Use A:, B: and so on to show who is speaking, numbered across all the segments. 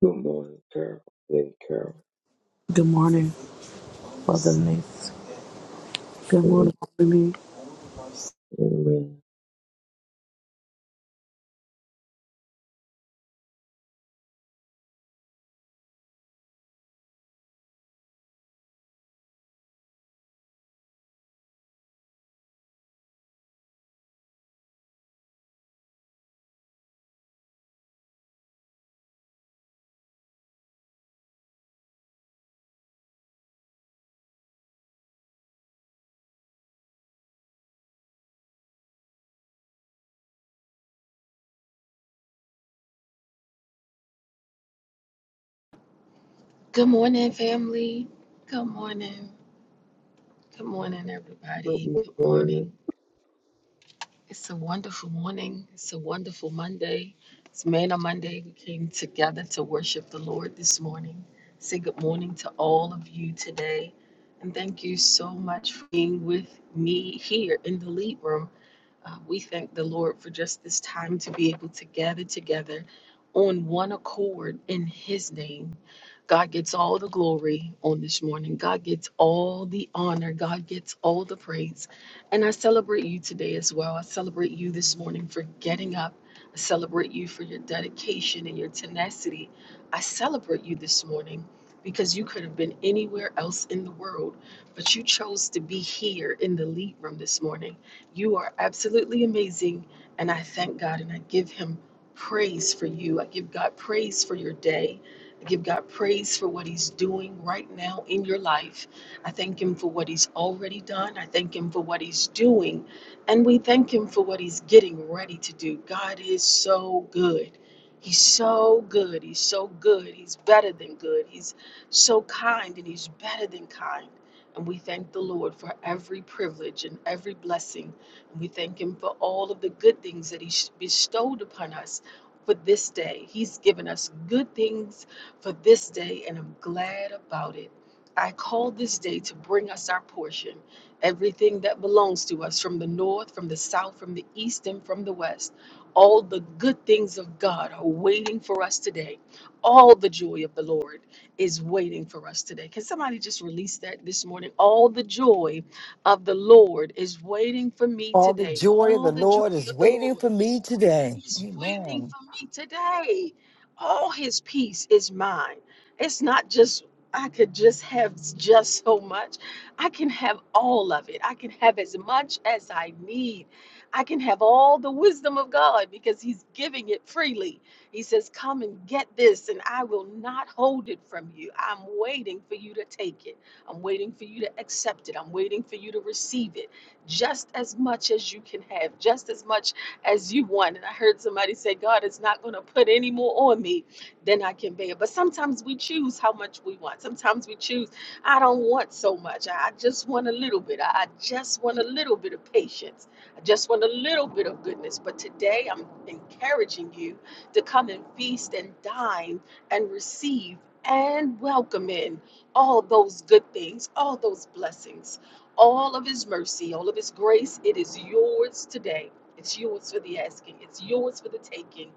A: Good morning, Carol. Then Carol.
B: Good morning, Father Lee. Good morning,
A: Amen.
B: Father Lee.
A: Amen.
C: Good morning, family. Good morning. Good morning, everybody.
A: Good
C: Good morning.
A: morning.
C: It's a wonderful morning. It's a wonderful Monday. It's Manna Monday. We came together to worship the Lord this morning. Say good morning to all of you today. And thank you so much for being with me here in the lead room. Uh, we thank the Lord for just this time to be able to gather together on one accord in His name. God gets all the glory on this morning. God gets all the honor. God gets all the praise. And I celebrate you today as well. I celebrate you this morning for getting up. I celebrate you for your dedication and your tenacity. I celebrate you this morning because you could have been anywhere else in the world, but you chose to be here in the lead room this morning. You are absolutely amazing. And I thank God and I give Him praise for you. I give God praise for your day. I give God praise for what He's doing right now in your life. I thank Him for what He's already done. I thank Him for what He's doing. And we thank Him for what He's getting ready to do. God is so good. He's so good. He's so good. He's better than good. He's so kind and He's better than kind. And we thank the Lord for every privilege and every blessing we thank Him for all of the good things that He bestowed upon us for this day. He's given us good things for this day, and I'm glad about it. I call this day to bring us our portion, everything that belongs to us from the north, from the south, from the east, and from the west. All the good things of God are waiting for us today. All the joy of the Lord is waiting for us today. Can somebody just release that this morning? All the joy of the Lord is waiting for me
D: All the
C: today.
D: joy of
C: All
D: the
C: the joy
D: Lord is
C: of the
D: waiting
C: Lord
D: for me today.
C: is waiting
D: Amen.
C: for me today. All his peace is mine. It's not just I could just have just so much. I can have all of it. I can have as much as I need. I can have all the wisdom of God because he's giving it freely. He says, "Come and get this and I will not hold it from you. I'm waiting for you to take it. I'm waiting for you to accept it. I'm waiting for you to receive it just as much as you can have, just as much as you want. And I heard somebody say, God is not going to put any more on me than I can bear. But sometimes we choose how much we want. Sometimes we choose, I don't want so much. I I just want a little bit. I I just want a little bit of patience. I just want a little bit of goodness. But today I'm encouraging you to come and feast and dine and receive and welcome in all those good things, all those blessings all of his mercy, all of his grace, it is yours today. It's yours for the asking. It's yours for the taking.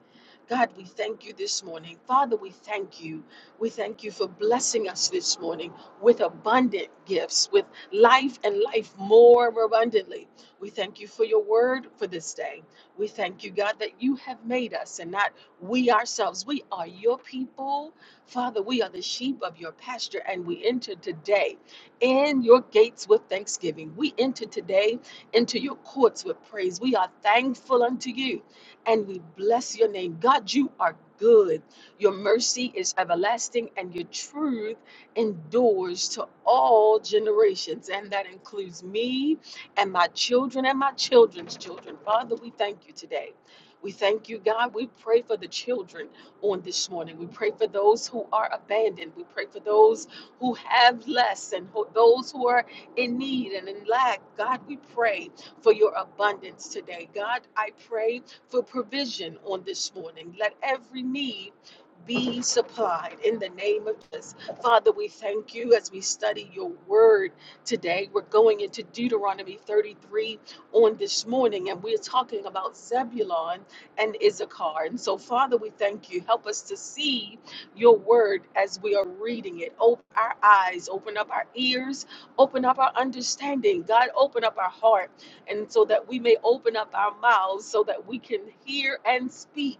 C: God, we thank you this morning. Father, we thank you. We thank you for blessing us this morning with abundant gifts, with life and life more abundantly. We thank you for your word for this day. We thank you, God, that you have made us and not we ourselves. We are your people. Father, we are the sheep of your pasture, and we enter today in your gates with thanksgiving. We enter today into your courts with praise. We are thankful unto you and we bless your name. God, you are good. Your mercy is everlasting and your truth endures to all generations. And that includes me and my children and my children's children. Father, we thank you today. We thank you, God. We pray for the children on this morning. We pray for those who are abandoned. We pray for those who have less and who- those who are in need and in lack. God, we pray for your abundance today. God, I pray for provision on this morning. Let every need be supplied in the name of Jesus. Father, we thank you as we study your word today. We're going into Deuteronomy 33 on this morning, and we're talking about Zebulon and Issachar. And so, Father, we thank you. Help us to see your word as we are reading it. Open our eyes, open up our ears, Open up our understanding. God, open up our heart. And so that we may open up our mouths so that we can hear and speak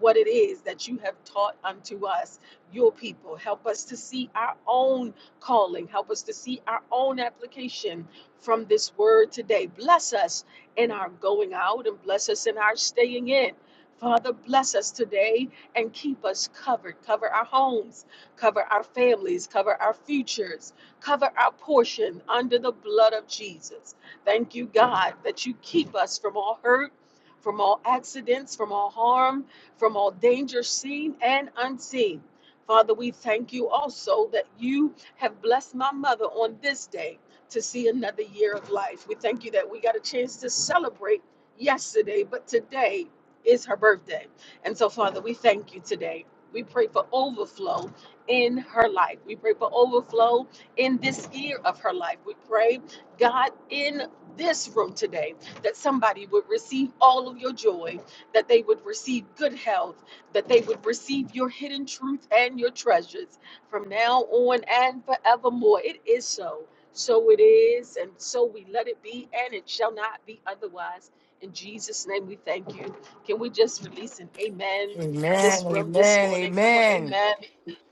C: what it is that you have taught unto us, your people. Help us to see our own calling. Help us to see our own application from this word today. Bless us in our going out and bless us in our staying in. Father, bless us today and keep us covered. Cover our homes, cover our families, cover our futures. Cover our portion under the blood of Jesus. Thank you, God, that you keep us from all hurt, from all accidents, from all harm, from all danger seen and unseen. Father, we thank you also that you have blessed my mother on this day to see another year of life. We thank you that we got a chance to celebrate yesterday, but today is her birthday. And so, Father, we thank you today. We pray for overflow in her life. We pray for overflow in this year of her life. We pray, God, in this room today, that somebody would receive all of your joy, that they would receive good health, that they would receive your hidden truth and your treasures from now on and forevermore. It is so. So it is, and so we let it be, and it shall not be otherwise. In Jesus' name, we thank you. Can we just release an amen this
D: Amen,
C: room this
D: amen,
C: morning? Come on,
D: amen.
C: amen.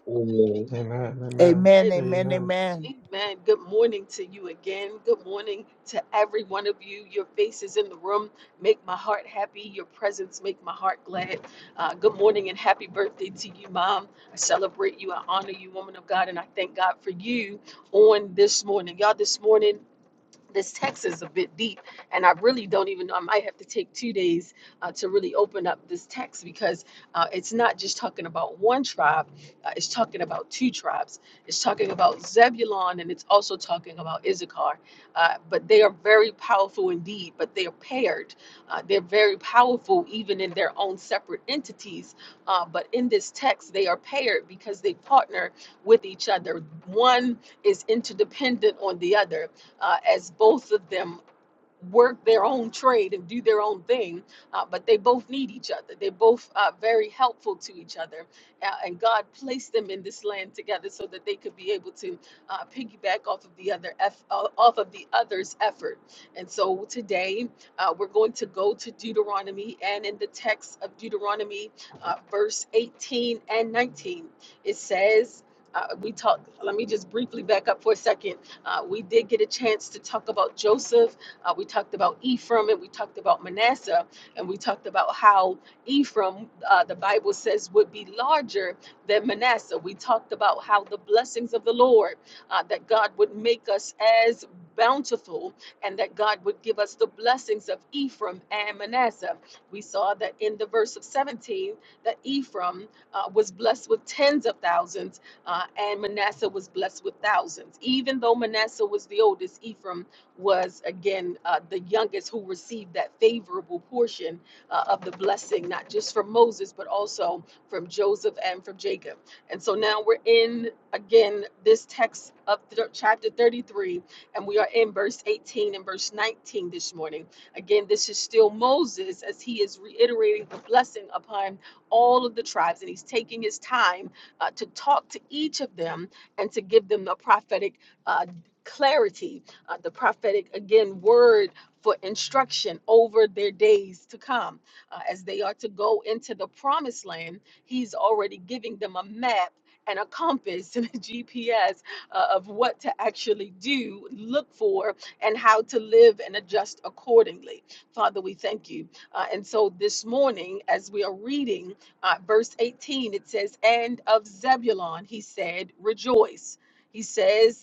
A: Amen.
C: Amen.
E: Amen. Amen.
F: Amen,
C: Amen.
F: amen,
E: Amen.
F: amen.
C: Amen. Good morning to you again. Good morning to every one of you. Your faces in the room make my heart happy. Your presence make my heart glad. Uh, good morning and happy birthday to you, Mom. I celebrate you. I honor you, woman of God, and I thank God for you on this morning. Y'all, this morning this text is a bit deep, and I really don't even know. I might have to take two days uh, to really open up this text because uh, it's not just talking about one tribe, uh, it's talking about two tribes. It's talking about Zebulon and it's also talking about Issachar. Uh, but they are very powerful indeed, but they are paired. Uh, they're very powerful even in their own separate entities. Uh, but in this text, they are paired because they partner with each other. One is interdependent on the other uh, as both of them work their own trade and do their own thing, uh, but they both need each other. They both are very helpful to each other, uh, and God placed them in this land together so that they could be able to uh, piggyback off of the other eff- uh, off of the other's effort. And so today uh, we're going to go to Deuteronomy, and in the text of Deuteronomy, uh, verse 18 and 19, it says. Uh, we talked. Let me just briefly back up for a second. Uh, we did get a chance to talk about Joseph uh, we talked about Ephraim and we talked about Manasseh, and we talked about how Ephraim, uh, the Bible says, would be larger than Manasseh. We talked about how the blessings of the Lord, uh, that God would make us as bountiful and that God would give us the blessings of Ephraim and Manasseh. We saw that in the verse of 17 that Ephraim uh, was blessed with tens of thousands uh, and Manasseh was blessed with thousands. Even though Manasseh was the oldest, Ephraim was again uh, the youngest who received that favorable portion uh, of the blessing, not just from Moses, but also from Joseph and from Jacob. And so now we're in again this text of th- chapter 33, and we are in verse 18 and verse 19 this morning. Again, this is still Moses as he is reiterating the blessing upon all of the tribes, and he's taking his time uh, to talk to each of them and to give them the prophetic uh, clarity uh, the prophetic, again, word for instruction over their days to come. Uh, as they are to go into the promised land, he's already giving them a map and a compass and a GPS uh, of what to actually do, look for, and how to live and adjust accordingly. Father, we thank you. Uh, and so this morning, as we are reading uh, verse 18, it says, And of Zebulon, he said, Rejoice. He says,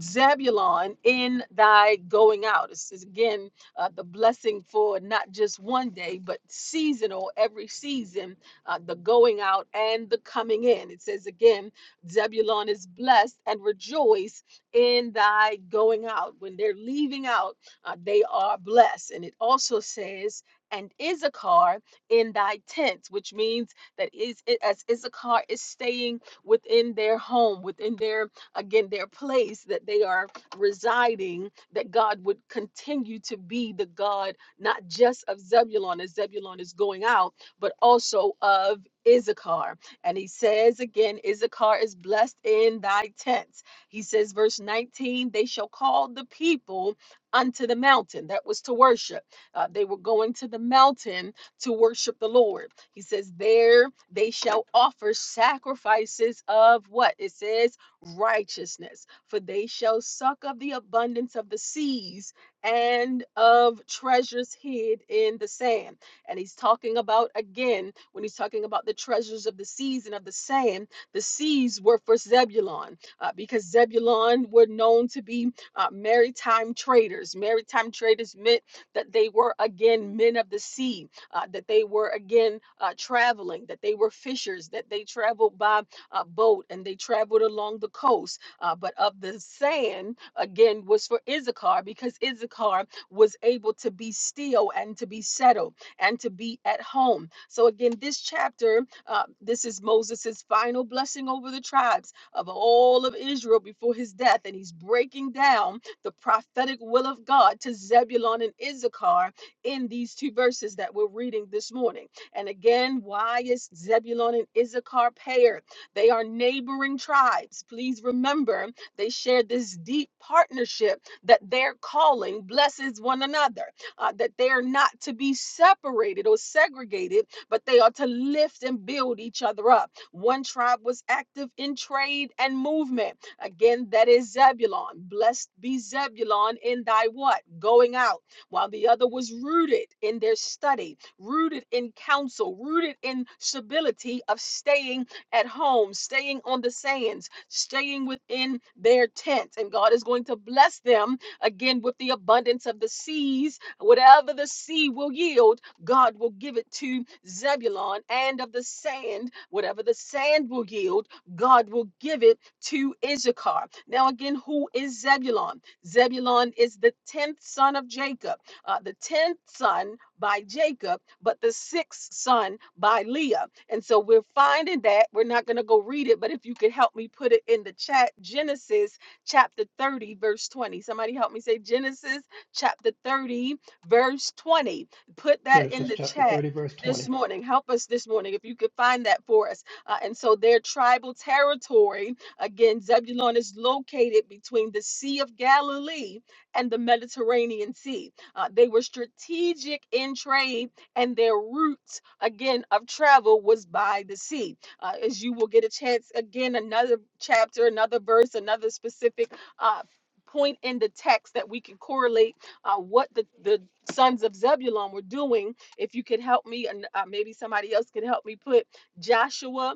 C: Zebulon in thy going out. This is again uh, the blessing for not just one day, but seasonal, every season, uh, the going out and the coming in. It says again, Zebulon is blessed and rejoice in thy going out. When they're leaving out, uh, they are blessed. And it also says, and Issachar in thy tents, which means that is as Issachar is staying within their home, within their again, their place that they are residing, that God would continue to be the God not just of Zebulon as Zebulon is going out, but also of Issachar. And he says again, Issachar is blessed in thy tents. He says, verse 19, they shall call the people unto the mountain. That was to worship. Uh, they were going to the mountain to worship the Lord. He says, There they shall offer sacrifices of what? It says, righteousness, for they shall suck of the abundance of the seas and of treasures hid in the sand. And he's talking about again, when he's talking about the treasures of the seas and of the sand, the seas were for Zebulon uh, because Zebulon were known to be uh, maritime traders. Maritime traders meant that they were again men of the sea, uh, that they were again uh, traveling, that they were fishers, that they traveled by uh, boat and they traveled along the coast. Uh, but of the sand, again, was for Issachar because Issachar was able to be still and to be settled and to be at home. So, again, this chapter, uh, this is Moses's final blessing over the tribes of all of Israel before his death. And he's breaking down the prophetic will of God to Zebulon and Issachar in these two verses that we're reading this morning. And again, why is Zebulon and Issachar paired? They are neighboring tribes. Please remember they share this deep partnership that their calling blesses one another, uh, that they are not to be separated or segregated, but they are to lift and build each other up. One tribe was active in trade and movement. Again, that is Zebulon. Blessed be Zebulon in thy what? Going out. While the other was rooted in their study, rooted in counsel, rooted in stability of staying at home, staying on the sands, staying within their tents. And God is going to bless them again with the abundance of the seas. Whatever the sea will yield, God will give it to Zebulon, and of the sand, whatever the sand will yield, God will give it to Issachar. Now, again, who is Zebulon? Zebulon is the tenth son of Jacob uh, the tenth son by Jacob, but the sixth son by Leah. And so we're finding that we're not going to go read it, but if you could help me put it in the chat, Genesis chapter 30, verse 20. Somebody help me say Genesis chapter 30, verse 20. Put that in
E: Genesis
C: the
E: chapter
C: chat.
E: 30, verse
C: This
E: 20.
C: morning, help us this morning if you could find that for us. Uh, and so, their tribal territory again, Zebulun is located between the Sea of Galilee and the Mediterranean Sea. Uh, they were strategic in trade, and their routes, again, of travel was by the sea. Uh, as you will get a chance, again, another chapter, another verse, another specific uh, point in the text that we can correlate uh, what the, the sons of Zebulun were doing. If you could help me, and uh, maybe somebody else could help me put Joshua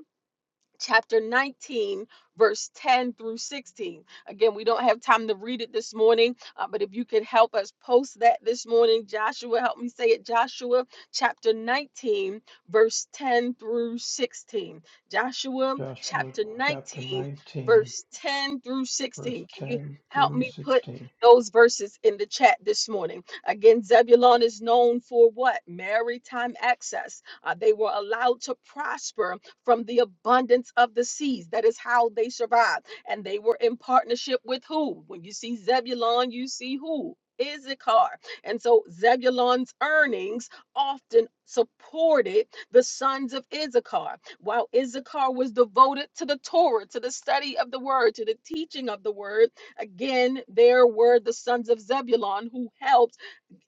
C: chapter 19, verse 10 through 16. Again, we don't have time to read it this morning, uh, but if you could help us post that this morning, Joshua, help me say it. Joshua chapter 19, verse 10 through 16. Joshua
E: Joshua
C: chapter
E: chapter
C: 19,
E: 19,
C: verse 10 through
E: verse
C: 16. Can you
E: 10
C: help
E: through
C: me put
E: 16.
C: those verses in the chat this morning? Again, Zebulon is known for what? Maritime access. Uh, they were allowed to prosper from the abundance of the seas. That is how they survived. And they were in partnership with who? When you see Zebulon, you see who? Issachar. And so Zebulon's earnings often supported the sons of Issachar. While Issachar was devoted to the Torah, to the study of the word, to the teaching of the word, again, there were the sons of Zebulon who helped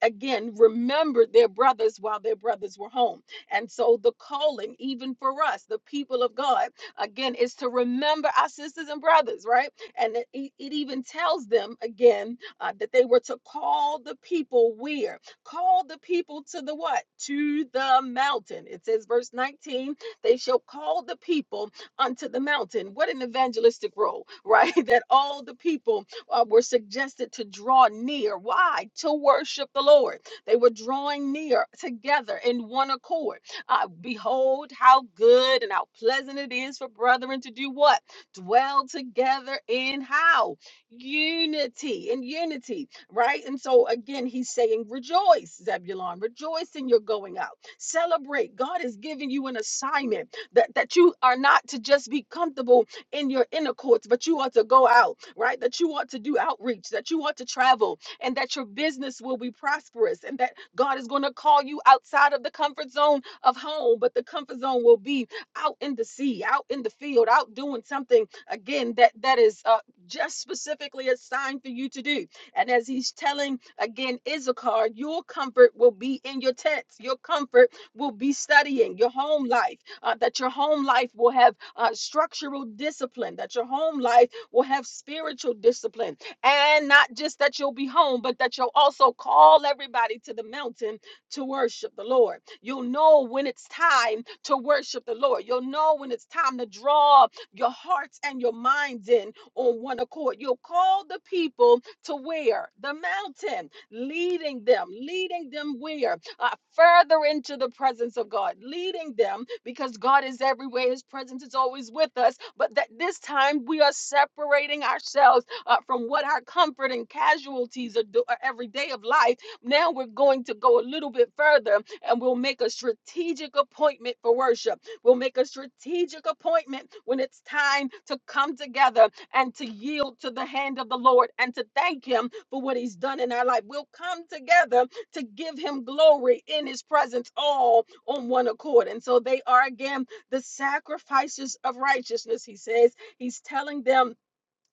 C: again remembered their brothers while their brothers were home. And so the calling, even for us, the people of God, again, is to remember our sisters and brothers, right? And it, it even tells them again uh, that they were to call the people where? Call the people to the what? To the mountain. It says, verse 19, they shall call the people unto the mountain. What an evangelistic role, right? that all the people uh, were suggested to draw near. Why? To worship the Lord. They were drawing near together in one accord. Uh, Behold, how good and how pleasant it is for brethren to do what? Dwell together in how? Unity, in unity, right? And so again, he's saying, Rejoice, Zebulon, rejoice in your going out. Celebrate. God has given you an assignment that, that you are not to just be comfortable in your inner courts, but you ought to go out, right? That you ought to do outreach, that you ought to travel, and that your business will be prosperous, and that God is going to call you outside of the comfort zone of home, but the comfort zone will be out in the sea, out in the field, out doing something again that that is uh, just specifically assigned for you to do. And as he's telling again Issachar, your comfort will be in your tents. Your comfort will be studying your home life. uh, that your home life will have uh, structural discipline, that your home life will have spiritual discipline. And not just that you'll be home, but that you'll also call everybody to the mountain to worship the Lord. You'll know when it's time to worship the Lord. You'll know when it's time to draw your hearts and your minds in on one accord. You'll call the people to where? The mountain, leading them, leading them where? uh, further into the presence of God, leading them because God is everywhere. His presence is always with us. But that this time we are separating ourselves uh, from what our comfort and casualties are, do- are every day of life. Now we're going to go a little bit further and we'll make a strategic appointment for worship. We'll make a strategic appointment when it's time to come together and to yield to the hand of the Lord and to thank Him for what He's done in our life. We'll come together to give him glory in his presence, all on one accord. And so they are again the sacrifices of righteousness, he says. He's telling them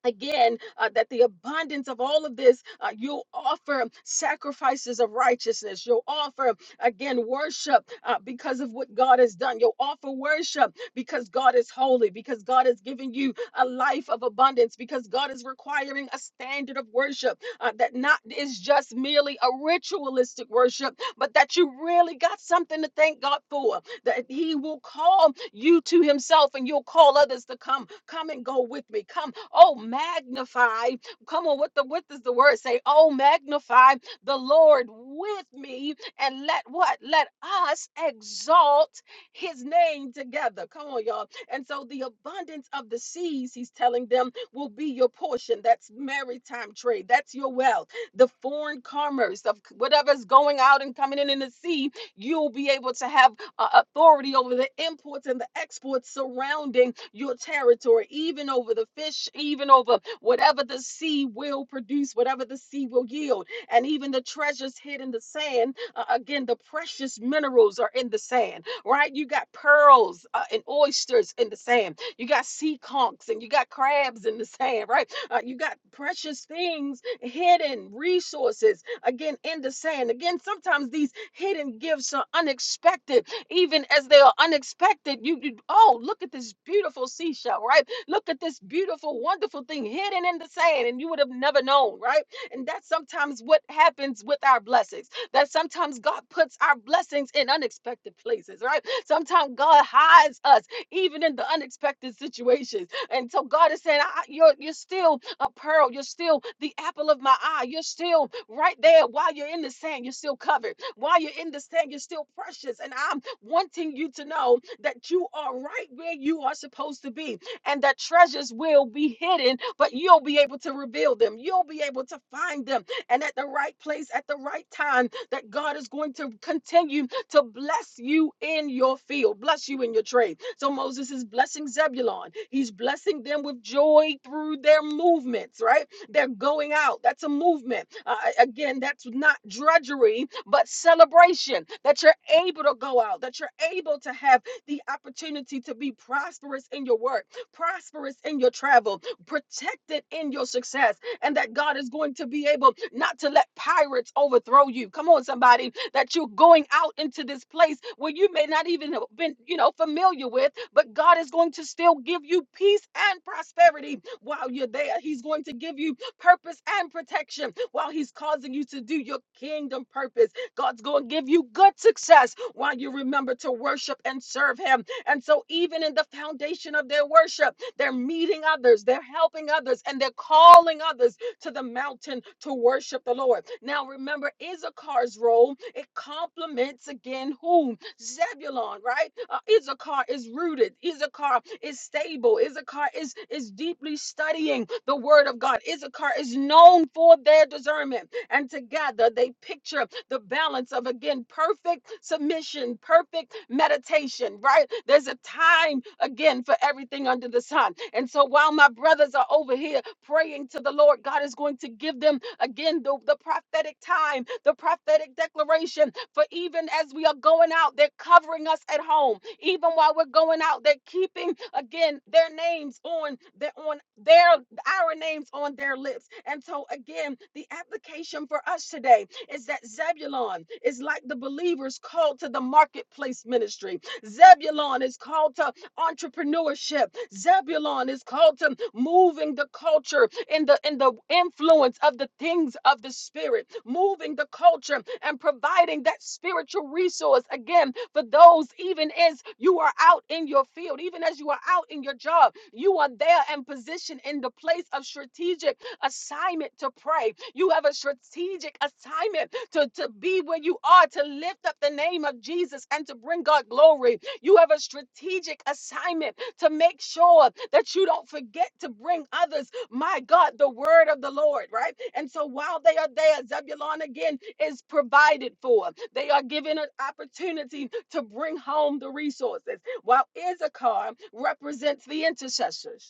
C: again uh, that the abundance of all of this uh, you offer sacrifices of righteousness you'll offer again worship uh, because of what god has done you'll offer worship because god is holy because god has given you a life of abundance because god is requiring a standard of worship uh, that not is just merely a ritualistic worship but that you really got something to thank god for that he will call you to himself and you'll call others to come come and go with me come oh magnify come on what the what does the word say oh magnify the lord with me and let what let us exalt his name together come on y'all and so the abundance of the seas he's telling them will be your portion that's maritime trade that's your wealth the foreign commerce of whatever's going out and coming in in the sea you'll be able to have uh, authority over the imports and the exports surrounding your territory, even over the fish, even over whatever the sea will produce, whatever the sea will yield, and even the treasures hid in the sand. Uh, again, the precious minerals are in the sand, right? You got pearls uh, and oysters in the sand. You got sea conchs and you got crabs in the sand, right? Uh, you got precious things, hidden resources, again, in the sand. Again, sometimes these hidden gifts are unexpected even as they are unexpected. You, you oh, look at this beautiful seashell, right? Look at this beautiful, wonderful thing hidden in the sand, and you would have never known, right? And that's sometimes what happens with our blessings. That sometimes God puts our blessings in unexpected places, right? Sometimes God hides us even in the unexpected situations. And so God is saying, I, you're, you're still a pearl. You're still the apple of my eye. You're still right there while you're in the sand. You're still covered. While you're in the sand, you're still precious. And I'm wanting you to know that you are right where you are supposed to be and that treasures will be hidden, but you'll be able to reveal them. You'll be able to find them and at the right place at the right time that God is going to continue to bless you in your field, bless you in your trade. So Moses is blessing Zebulon. He's blessing them with joy through their movements, right? They're going out. That's a movement. Uh, again, that's not drudgery, but celebration that you're able to go out, that you're able to have the opportunity to be prosperous in your work, prosperous in your travel, protected in your success, and that God is going to be able not to let pirates overthrow you. Come on, somebody that you're going out into this place where you may not even have been, you know, familiar with, but God is going to still give you peace and prosperity while you're there. He's going to give you purpose and protection while He's causing you to do your kingdom purpose. God's going to give you good success while you remember to worship and serve Him. And so, even in the foundation of their worship, they're meeting others, they're helping others, and they're calling others to the mountain to worship the Lord. Now remember Issachar's role, it complements again whom? Zebulon, right? Uh, Issachar is rooted, Issachar is stable, Issachar is, is deeply studying the word of God. Issachar is known for their discernment and together they picture the balance of again perfect submission, perfect meditation, right? There's a time again for everything under the sun. And so while my brothers are over here praying to the Lord, God is going to give them again the, the prophetic time, the prophetic declaration. For even as we are going out, they're covering us at home. Even while we're going out, they're keeping again their names on their on their our names on their lips. And so, again, the application for us today is that Zebulon is like the believers called to the marketplace ministry. Zebulon is called to entrepreneurship. Zebulon is called to moving the culture in the in the influence of the things of the spirit, moving the culture and providing that spiritual resource again for those even as you are out in your field, even as you are out in your job, you are there and positioned in the place of strategic assignment to pray. You have a strategic assignment to, to be where you are, to lift up the name of Jesus and to bring God glory. You have a strategic assignment to make sure that you don't forget to bring others, my God, the word of the Lord, right? And so while they are there, Zebulon again is provided for. They are given an opportunity to bring home the resources, while Issachar represents the intercessors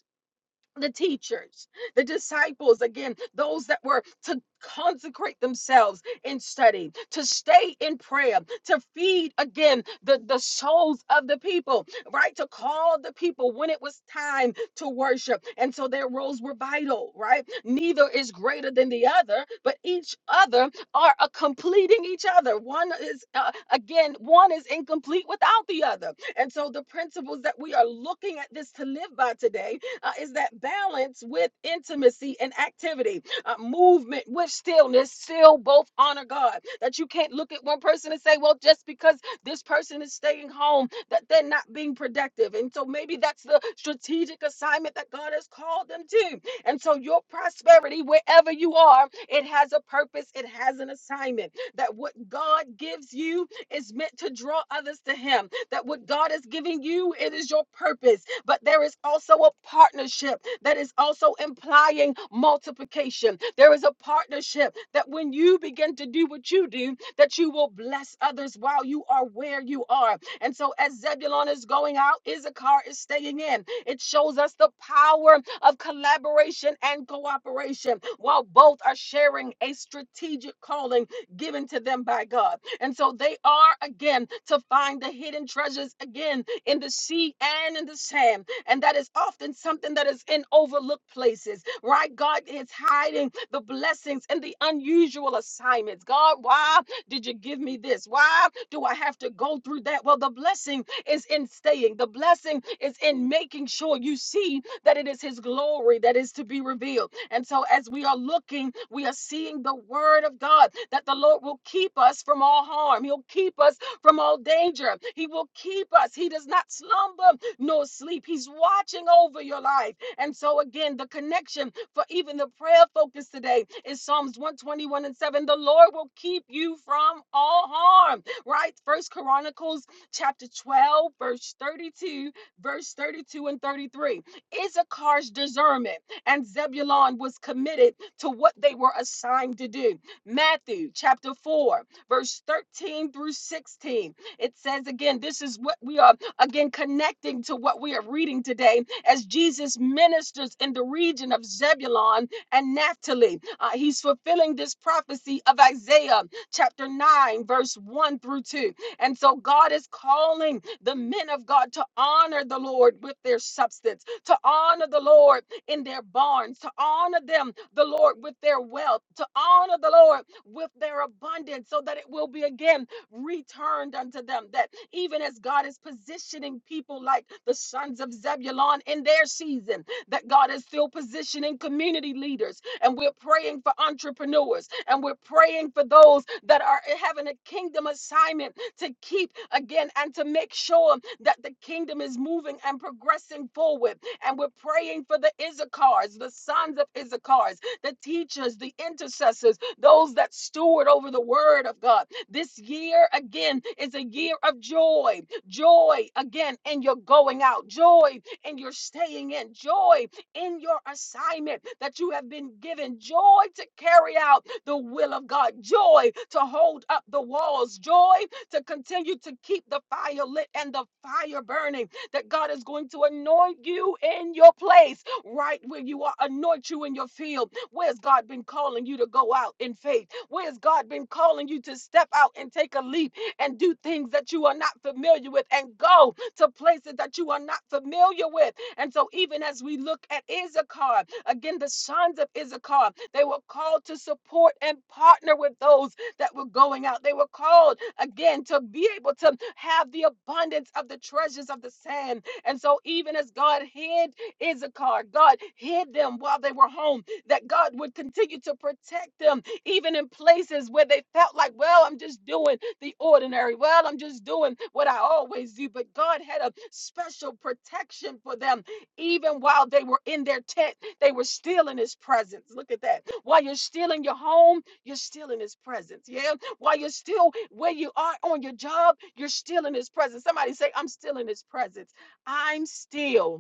C: the teachers, the disciples, again, those that were to consecrate themselves in study, to stay in prayer, to feed again the, the souls of the people, right? To call the people when it was time to worship. And so their roles were vital, right? Neither is greater than the other, but each other are uh, completing each other. One is, uh, again, one is incomplete without the other. And so the principles that we are looking at this to live by today uh, is that balance with intimacy and activity, uh, movement with stillness, still both honor God. That you can't look at one person and say, well, just because this person is staying home, that they're not being productive. And so maybe that's the strategic assignment that God has called them to. And so your prosperity, wherever you are, it has a purpose, it has an assignment. That what God gives you is meant to draw others to Him. That what God is giving you, it is your purpose but there is also a partnership that is also implying multiplication. There is a partnership that when you begin to do what you do, that you will bless others while you are where you are. And so, as Zebulon is going out, Issachar is staying in. It shows us the power of collaboration and cooperation while both are sharing a strategic calling given to them by God. And so they are again to find the hidden treasures again in the sea and in the sand. And that is often something that is in overlooked places, right? God is hiding the blessings and the unusual assignments. God, why did you give me this? Why do I have to go through that? Well, the blessing is in staying, the blessing is in making sure you see that it is his glory that is to be revealed. And so as we are looking, we are seeing the word of God that the Lord will keep us from all harm. He'll keep us from all danger. He will keep us. He does not slumber nor sleep. He's watching over your life. And so again, the connection for even the prayer focus today is Psalms 121 and 7. The Lord will keep you from all harm. Right? First Chronicles chapter 12, verse 32, verse 32 and 33 Issachar's discernment and Zebulon was committed to what they were assigned to do. Matthew chapter 4, verse 13 through 16. It says again, this is what we are again connecting to what we are reading today as Jesus ministers in the region of Zebulon and Naphtali. Uh, he's fulfilling this prophecy of Isaiah chapter 9, verse 1 through 2. And so God is calling the men of God to honor the Lord with their substance, to honor the Lord in their barns, to honor them, the Lord, with their wealth, to honor the Lord with their abundance, so that it will be again returned unto them. That even as God is positioning people like the sons of Zebulon in their season, that God is still positioning community leaders and we're praying for entrepreneurs and we're praying for those that are having a kingdom assignment to keep again and to make sure that the kingdom is moving and progressing forward. And we're praying for the Issachars, the sons of Issachars, the teachers, the intercessors, those that steward over the word of God. This year, again, is a year of joy. Joy, again, in your going out, joy in your staying in, joy in your assignment that you have been given. Joy to carry out the will of God, joy to hold up the walls, joy to continue to keep the fire lit and the fire burning. That God is going to anoint you in your place, right where you are, anoint you in your field. Where's God been calling you to go out in faith? Where's God been calling you to step out and take a leap? and do things that you are not familiar with and go to places that you are not familiar with. And so, even as we look at Issachar, again, the sons of Issachar, they were called to support and partner with those that were going out. They were called again to be able to have the abundance of the treasures of the sand. And so, even as God hid Issachar, God hid them while they were home, that God would continue to protect them even in places where they felt like, well, I'm just doing the ordinary. Well, I'm just doing what I always do. But God had a special protection for them, even while they were in their tent. They were still in His presence. Look at that. While you're still in your home, you're still in His presence. Yeah. While you're still where you are on your job, you're still in His presence. Somebody say, I'm still in His presence. I'm still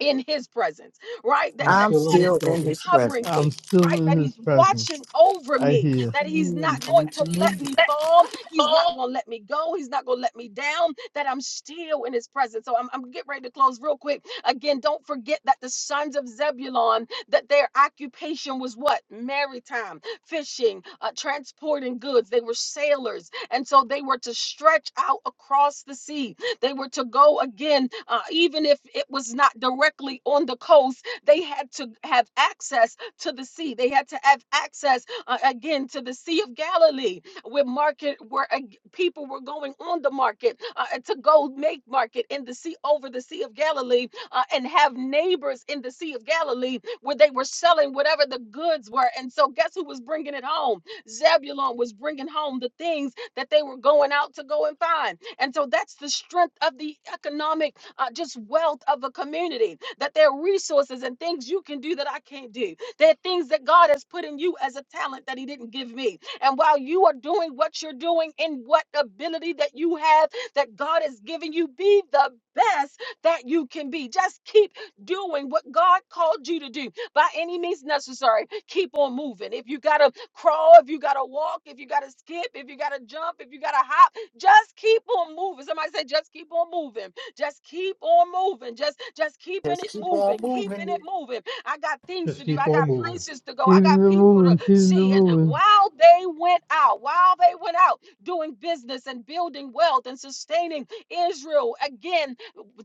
C: in his presence, right? That,
E: I'm
C: that
D: I'm
E: still in
C: God
E: this
C: is
D: still in
E: present.
D: his
C: covering
D: presence.
G: I'm
C: me,
G: still
C: right?
G: in
C: That
G: his
C: he's
G: presence
C: watching over
G: right
C: me,
G: here.
C: that he's not
D: Mm,
C: going
D: Thank
C: to
D: you.
C: let me fall. He's not going to let me go. He's not going to let me down, that I'm still in his presence. So I'm, I'm getting ready to close real quick. Again, don't forget that the sons of Zebulon, that their occupation was what? Maritime, fishing, uh, transporting goods. They were sailors. And so they were to stretch out across the sea they were to go again, uh, even if it was not directly on the coast. They had to have access to the sea. They had to have access uh, again to the Sea of Galilee, where market, where uh, people were going on the market uh, to go make market in the sea over the Sea of Galilee, uh, and have neighbors in the Sea of Galilee where they were selling whatever the goods were. And so, guess who was bringing it home? Zebulon was bringing home the things that they were going out to go and find. And so that's the strength of the economic uh, just wealth of a community that there are resources and things you can do that I can't do. There are things that God has put in you as a talent that He didn't give me. And while you are doing what you're doing in what ability that you have that God has given you, be the best that you can be. Just keep doing what God called you to do by any means necessary. Keep on moving. If you got to crawl, if you got to walk, if you got to skip, if you got to jump, if you got to hop, just keep on moving. Somebody say, just keep on moving. Just keep on moving. Just just keeping
D: Just
C: it
D: keep on
C: moving. Keeping it
D: moving.
C: moving. I got things to
E: Just
C: do.
E: keep
C: I
E: on
C: got
E: moving.
C: places to go. I
G: Keeping
C: got
G: it
C: people to
G: moving, keeping it
C: see. And
G: moving.
C: while they went out, while they went out doing business and building wealth and sustaining Israel, again,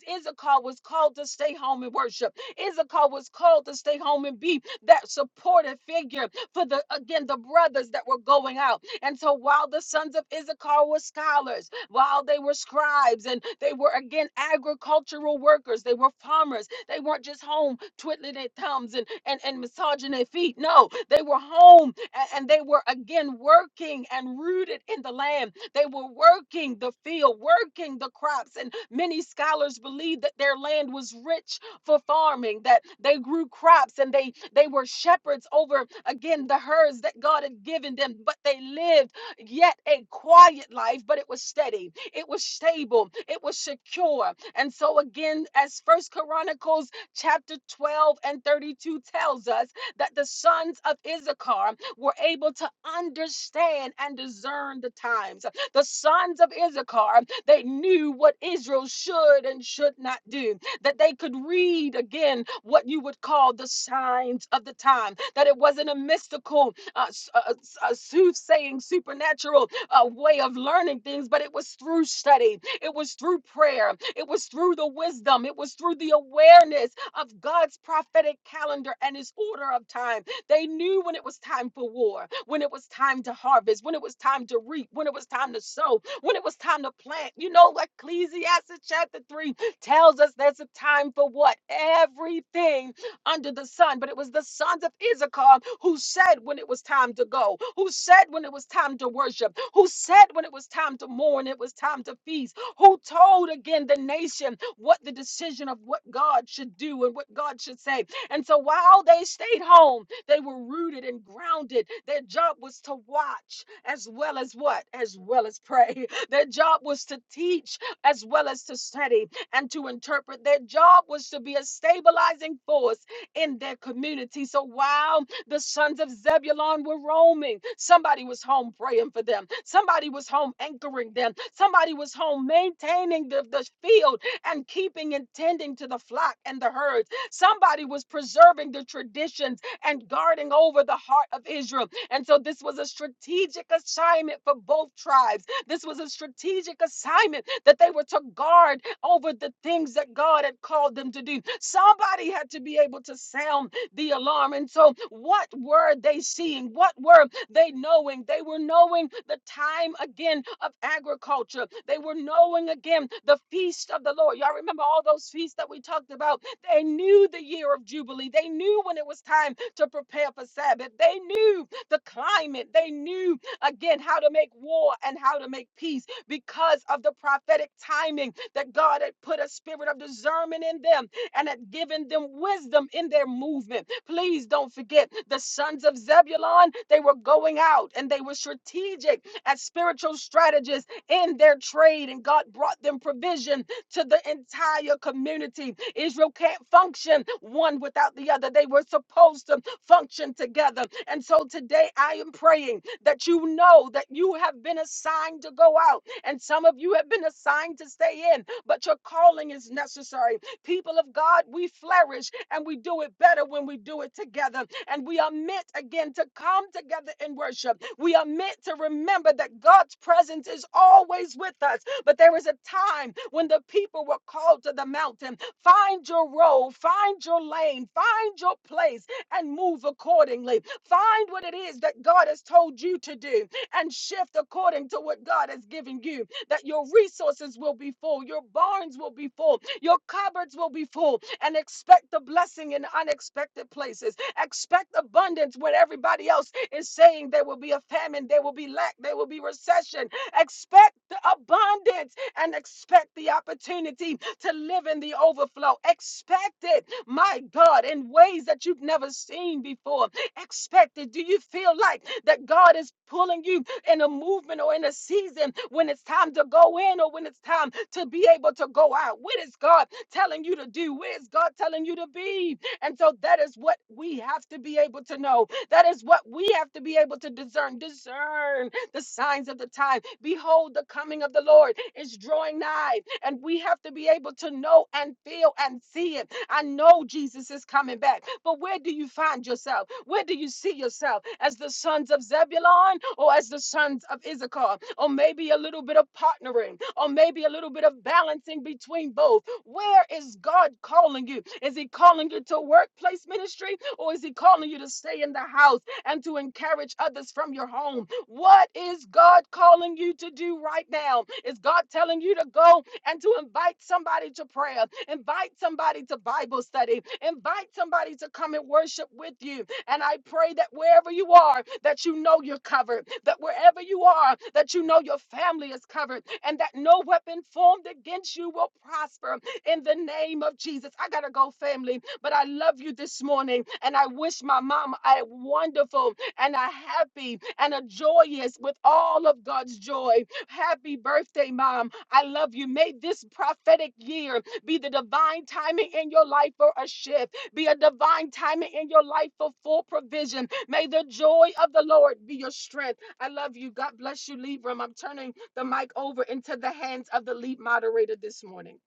C: Issachar was called to stay home and worship. Issachar was called to stay home and be that supportive figure for the again the brothers that were going out and so while the sons of Issachar were scholars, while they were scribes, and they were again agricultural workers, they were farmers, they weren't just home twiddling their thumbs and, and, and massaging their feet. No, they were home a- and they were again working and rooted in the land. They were working the field, working the crops. And many scholars believe that their land was rich for farming, that they grew crops and they they were shepherds over again the herds that God had given them, but they lived yet a quiet life, but it was steady, it was stable, it was secure. And so again, as First Chronicles chapter 12 and 32 tells us that the sons of Issachar were able to understand and discern the times. The sons of Issachar, they knew what Israel should and should not do that they could read again what you would call the signs of the time, that it wasn't a mystical, uh, s- uh, uh, s- uh, soothsaying, supernatural uh, way of learning things, but it was through study, it was through prayer, it was through the wisdom, it was through the awareness of God's prophetic calendar and his order of time. They knew when it was time for war, when it was time to harvest, when it was time to reap, when it was time to sow, when it was time to plant. You know, Ecclesiastes chapter 3 tells us there's a time for what? Everything under the sun. But it was the sons of Issachar who said when it was time to go, who said when it was time to worship, who said when it was time to mourn, it was time to feast, who told again the nation what the decision of what God should do and what God should say. And so while they stayed home, they were rooted and grounded. Their job was to watch as well as what? As well as pray. Their job was to teach as well as to study and to interpret. Their job was to be a stabilizing force in their community. So while the sons of Zebulon were roaming, somebody was home praying for them, somebody was home anchoring them, somebody was home maintaining the, the field and keeping and tending to the flock and the herds, somebody was preserving the traditions and guarding over the heart of Israel. And so this was a strategic assignment for both tribes. This was a strategic assignment that they were to guard over the things that God had called them to do. Somebody had to be able to sound the alarm. And so, what were they seeing? What were they knowing? They were knowing the time again of agriculture. They were knowing again the feast of the Lord. Y'all remember all those feasts that we talked about? They knew the year of Jubilee. They knew when it was time to prepare for Sabbath. They knew the climate. They knew again how to make war and how to make peace because of the prophetic timing that God had put a spirit of discernment in them and had given them wisdom in their movement. Please don't forget the sons of Zebulun. they were going out and they were strategic as spiritual strategists in their trade, and God brought them provision to the entire community. Israel can't function one without the other. They were supposed to function together. And so today I am praying that you know that you have been assigned to go out and some of you have been assigned to stay in, but your calling is necessary. People of God, we flourish and we do it better when we do it together. And we are meant again to come together in worship. We are meant to remember that God's presence is always with us. But there is a time when the people were called to the mountain. Find your road, find your lane, find your place, and move accordingly. Find what it is that God has told you to do and shift according to what God has given you. That your resources will be full, your barns will be full, your cupboards will be full, and expect the blessing in unexpected places. Expect abundance when everybody else is saying there will be a famine, there will be lack, there will be recession. Expect the abundance and expect the opportunity to live in the overflow. Expect it, my God, in ways that you've never seen before expected? Do you feel like that God is pulling you in a movement or in a season when it's time to go in or when it's time to be able to go out? What is God telling you to do? Where is God telling you to be? And so that is what we have to be able to know. That is what we have to be able to discern. Discern the signs of the time. Behold, the coming of the Lord is drawing nigh, and we have to be able to know and feel and see it I know Jesus is coming back. But where do you find yourself? Where do you see yourself? As the sons of Zebulon or as the sons of Issachar? Or maybe a little bit of partnering or maybe a little bit of balancing between both. Where is God calling you? Is He calling you to workplace ministry or is He calling you to stay in the house and to encourage others from your home? What is God calling you to do right now? Is God telling you to go? and to invite somebody to prayer, invite somebody to Bible study, invite somebody to come and worship with you. And I pray that wherever you are, that you know you're covered, that wherever you are, that you know your family is covered, and that no weapon formed against you will prosper in the name of Jesus. I gotta go, family, but I love you this morning, and I wish my mom a wonderful and a happy and a joyous with all of God's joy. Happy birthday, mom. I love you. May this prophetic year be the divine timing in your life for a shift, be a divine timing in your life for full provision. May the joy of the Lord be your strength. I love you. God bless you, Libram. I'm turning the mic over into the hands of the lead moderator this morning.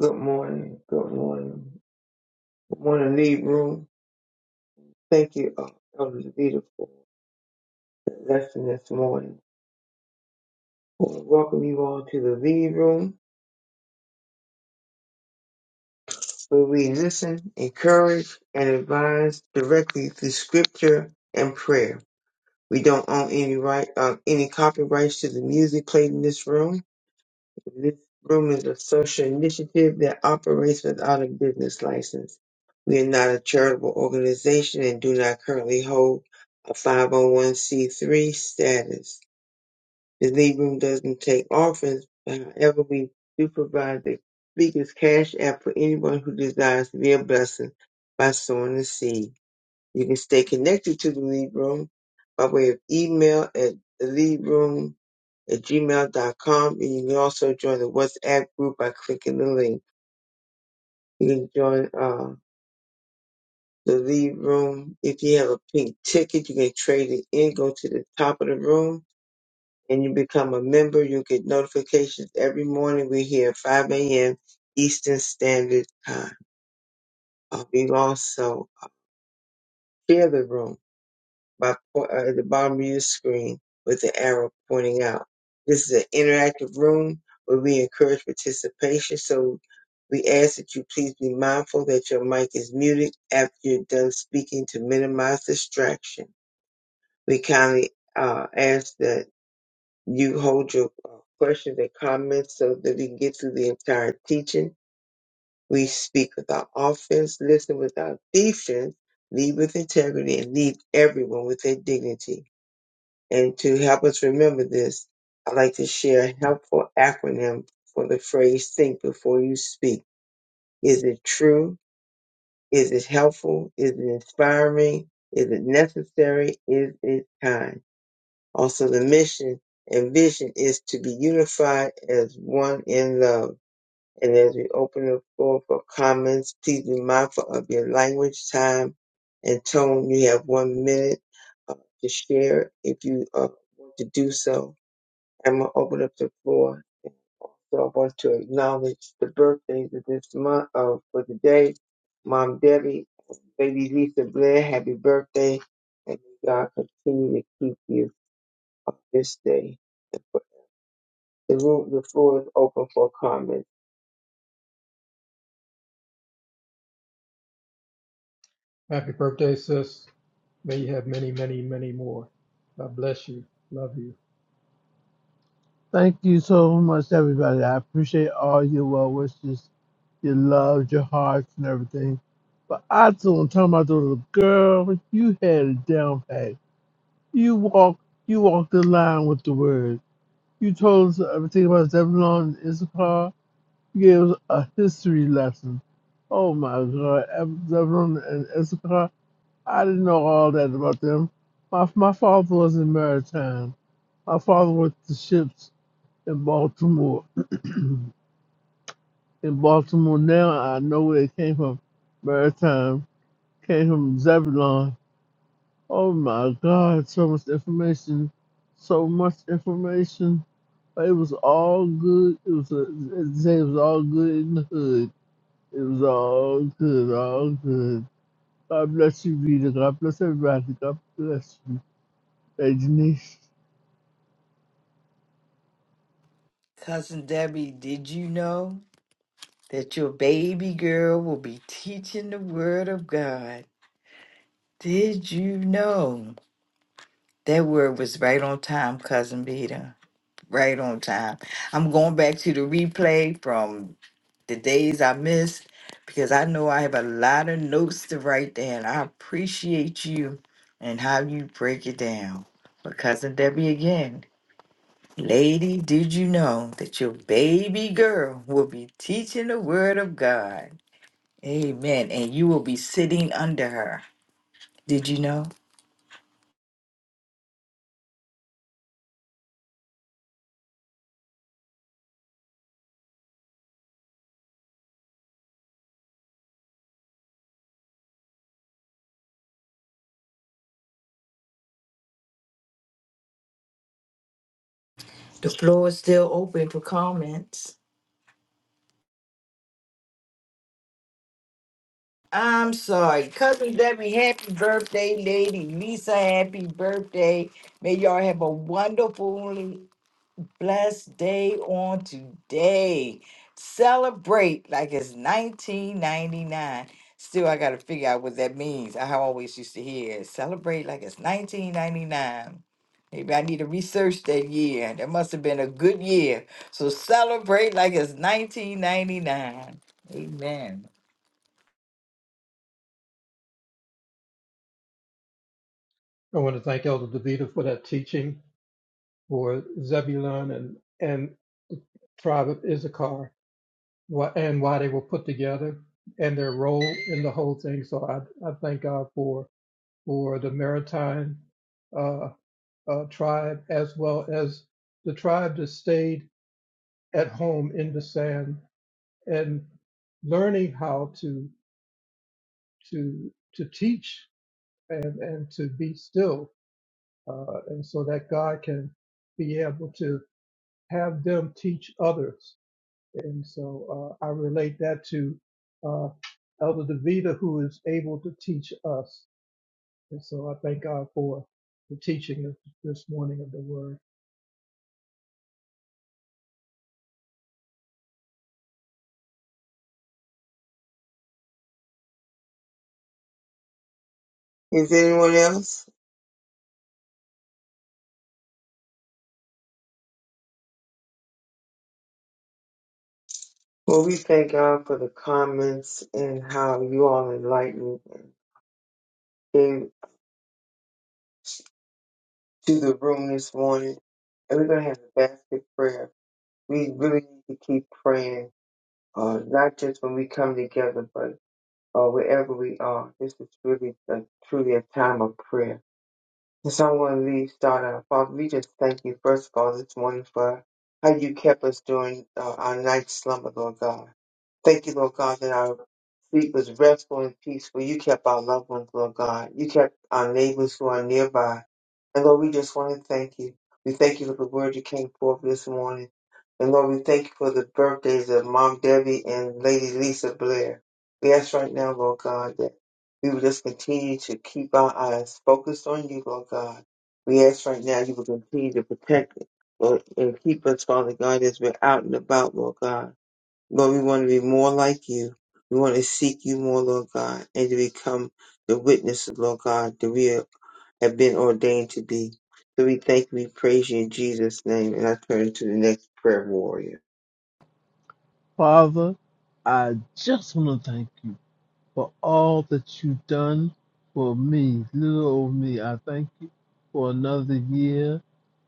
A: Good morning. Good morning. Good morning, lead room. Thank you, uh, Elder Davida, for the lesson this morning. I want to welcome you all to the lead room where we listen, encourage, and advise directly through scripture and prayer. We don't own any right, uh, any copyrights to the music played in this room. This room is a social initiative that operates without a business license. We are not a charitable organization and do not currently hold a 501c3 status. The lead room doesn't take offerings, but however, we do provide the speaker's cash app for anyone who desires to be a blessing by sowing a seed. You can stay connected to the lead room by way of email at the lead room at gmail dot com, And you can also join the WhatsApp group by clicking the link. You can join uh, the lead room. If you have a pink ticket, you can trade it in, go to the top of the room, and you become a member. you get notifications every morning. We're here at 5 a.m. Eastern Standard Time. Uh, we also share the room. by po- uh, at the bottom of your screen with the arrow pointing out. This is an interactive room where we encourage participation. So we ask that you please be mindful that your mic is muted after you're done speaking to minimize distraction. We kindly uh, ask that you hold your uh, questions and comments so that we can get through the entire teaching. We speak without offense, listen without defense, lead with integrity, and lead everyone with their dignity. And to help us remember this, I'd like to share a helpful acronym for the phrase think before you speak. Is it true? Is it helpful? Is it inspiring? Is it necessary? Is it kind? Also, the mission and vision is to be unified as one in love. And as we open the floor for comments, please be mindful of your language, time, and tone. You have one minute uh, to share if you uh, want to do so I'm gonna open up the floor. So I want to acknowledge the birthdays of this month of for today. Mom Debbie, baby Lisa Blair, happy birthday. And may God continue to keep you on this day. The room the floor is open for comments.
E: Happy birthday, sis. May you have many, many, many more. God bless you. Love you.
G: Thank you so much, everybody. I appreciate all your well wishes, your love, your hearts, and everything. But I told tell my daughter, girl, you had it down pat. You walked, you walked the line with the word. You told us everything about Zebulon and Issachar. You gave us a history lesson. Oh my God, Zebulon and Issachar. I didn't know all that about them. My my father wasn't maritime. My father worked the ships in Baltimore. In Baltimore now, I know where it came from. Maritime came from Zebulon. Oh my God! So much information, so much information. But It was all good. It was a, it was all good in the hood. It was all good, all good. God bless you, Rita. God bless everybody. God bless you, Hey, Denise.
D: Cousin Debbie, did you know that your baby girl will be teaching the Word of God? Did you know? That word was right on time, Cousin Peter. Right on time. I'm going back to the replay from the days I missed because I know I have a lot of notes to write down. I appreciate you and how you break it down. But cousin Debbie again, lady, did you know that your baby girl will be teaching the word of God? Amen. And you will be sitting under her. Did you know? The floor is still open for comments. I'm sorry. Cousin Debbie, happy birthday, lady. Lisa, happy birthday. May y'all have a wonderful blessed day on today. Celebrate like it's 1999. Still, I got to figure out what that means. I always used to hear it, celebrate like it's 1999. Maybe I need to research that year. That must have been a good year. So celebrate like it's 1999. Amen.
E: I want to thank Elder DeVita for that teaching for Zebulun and, and tribe of Issachar wh- and why they were put together and their role in the whole thing. So I, I thank God for or the Maritime uh, uh, tribe, as well as the tribe that stayed at home in the sand and learning how to to to teach and and to be still, uh, and so that God can be able to have them teach others. And so uh, I relate that to uh, Elder Devita, who is able to teach us. And so I thank God for the teaching of this morning of the Word.
A: Is there anyone else? Well we thank God for the comments and how you all enlightened and came to the room this morning. And we're gonna have a basket prayer. We really need to keep praying uh, not just when we come together, but uh, wherever we are. This is really a, truly a time of prayer. And so I want to leave, start out. Father, we just thank you, first of all, this morning for how you kept us during uh, our night slumber, Lord God. Thank you, Lord God, that our sleep was restful and peaceful. You kept our loved ones, Lord God. You kept our neighbors who are nearby. And Lord, we just want to thank you. We thank you for the word that came forth this morning. And Lord, we thank you for the birthdays of Mom Debbie and Lady Lisa Blair. We ask right now, Lord God, that we will just continue to keep our eyes focused on you, Lord God. We ask right now you will continue to protect us, Lord, and keep us, Father God, as we're out and about, Lord God. Lord, we want to be more like you. We want to seek you more, Lord God, and to become the witnesses, Lord God, that we are have been ordained to be. So we thank you, we praise you in Jesus' name. And I turn to the next prayer warrior.
G: Father, I just want to thank you for all that you've done for me, little old me. I thank you for another year.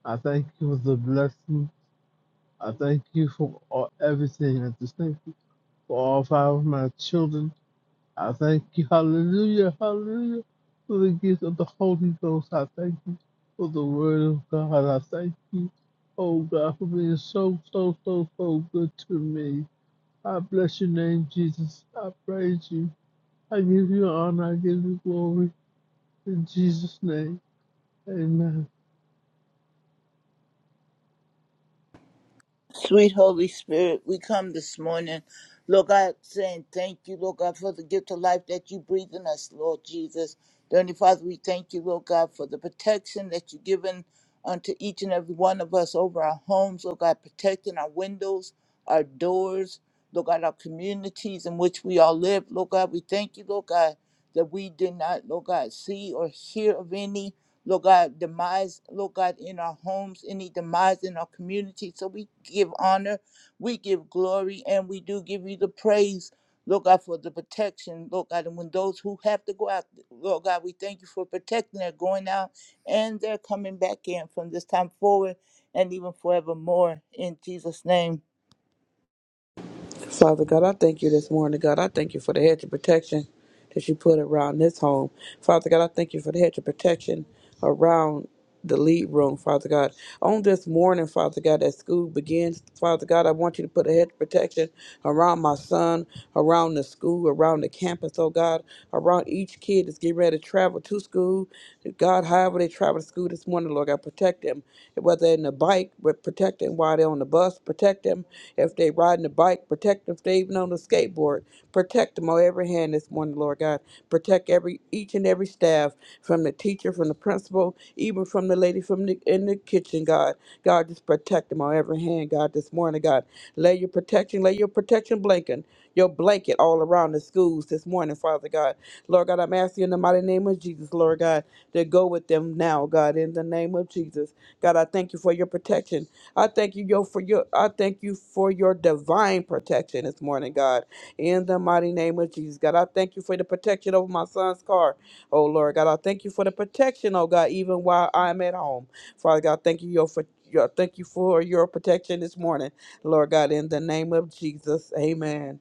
G: I thank you for the blessing. I thank you for all, everything. I just thank you for all five of my children. I thank you, hallelujah, hallelujah, for the gift of the Holy Ghost. I thank you for the Word of God. I thank you, oh God, for being so, so, so, so good to me. I bless your name, Jesus. I praise you. I give you honor. I give you glory. In Jesus' name, amen.
F: Sweet Holy Spirit, we come this morning, Lord God, saying thank you, Lord God, for the gift of life that you breathe in us, Lord Jesus. Dearly Father, we thank you, Lord God, for the protection that you've given unto each and every one of us over our homes, Lord God, protecting our windows, our doors, Lord God, our communities in which we all live. Lord God, we thank you, Lord God, that we did not, Lord God, see or hear of any. Lord God, demise, Lord God, in our homes, any demise in our community. So we give honor, we give glory, and we do give you the praise, Lord God, for the protection, Lord God. And when those who have to go out, Lord God, we thank you for protecting their going out and they're coming back in from this time forward and even forevermore. In Jesus' name.
B: Father God, I thank you this morning. God, I thank you for the hedge of protection that you put around this home. Father God, I thank you for the hedge of protection around the lead room, Father God. On this morning, Father God, as school begins, Father God, I want you to put a hedge of protection around my son, around the school, around the campus, oh God, around each kid that's getting ready to travel to school. God, however they travel to school this morning, Lord God, protect them. they're in the bike, but protect them while they're on the bus. Protect them if they're riding the bike. Protect them if they're even on the skateboard. Protect them on every hand this morning, Lord God. Protect every each and every staff, from the teacher, from the principal, even from the lady from the in the kitchen, God. God, just protect them on every hand, God, this morning, God. Lay your protection, lay your protection blanket, your blanket all around the schools this morning, Father God. Lord God, I'm asking you in the mighty name name of Jesus, Lord God, that go with them now, God, in the name of Jesus. God, I thank you for your protection. I thank you yo, for your I thank you for your divine protection this morning, God. In the mighty name of Jesus. God, I thank you for the protection over my son's car. Oh Lord God, I thank you for the protection, oh God, even while I'm at home. Father God, thank you yo, for your thank you for your protection this morning. Lord God, in the name of Jesus. Amen.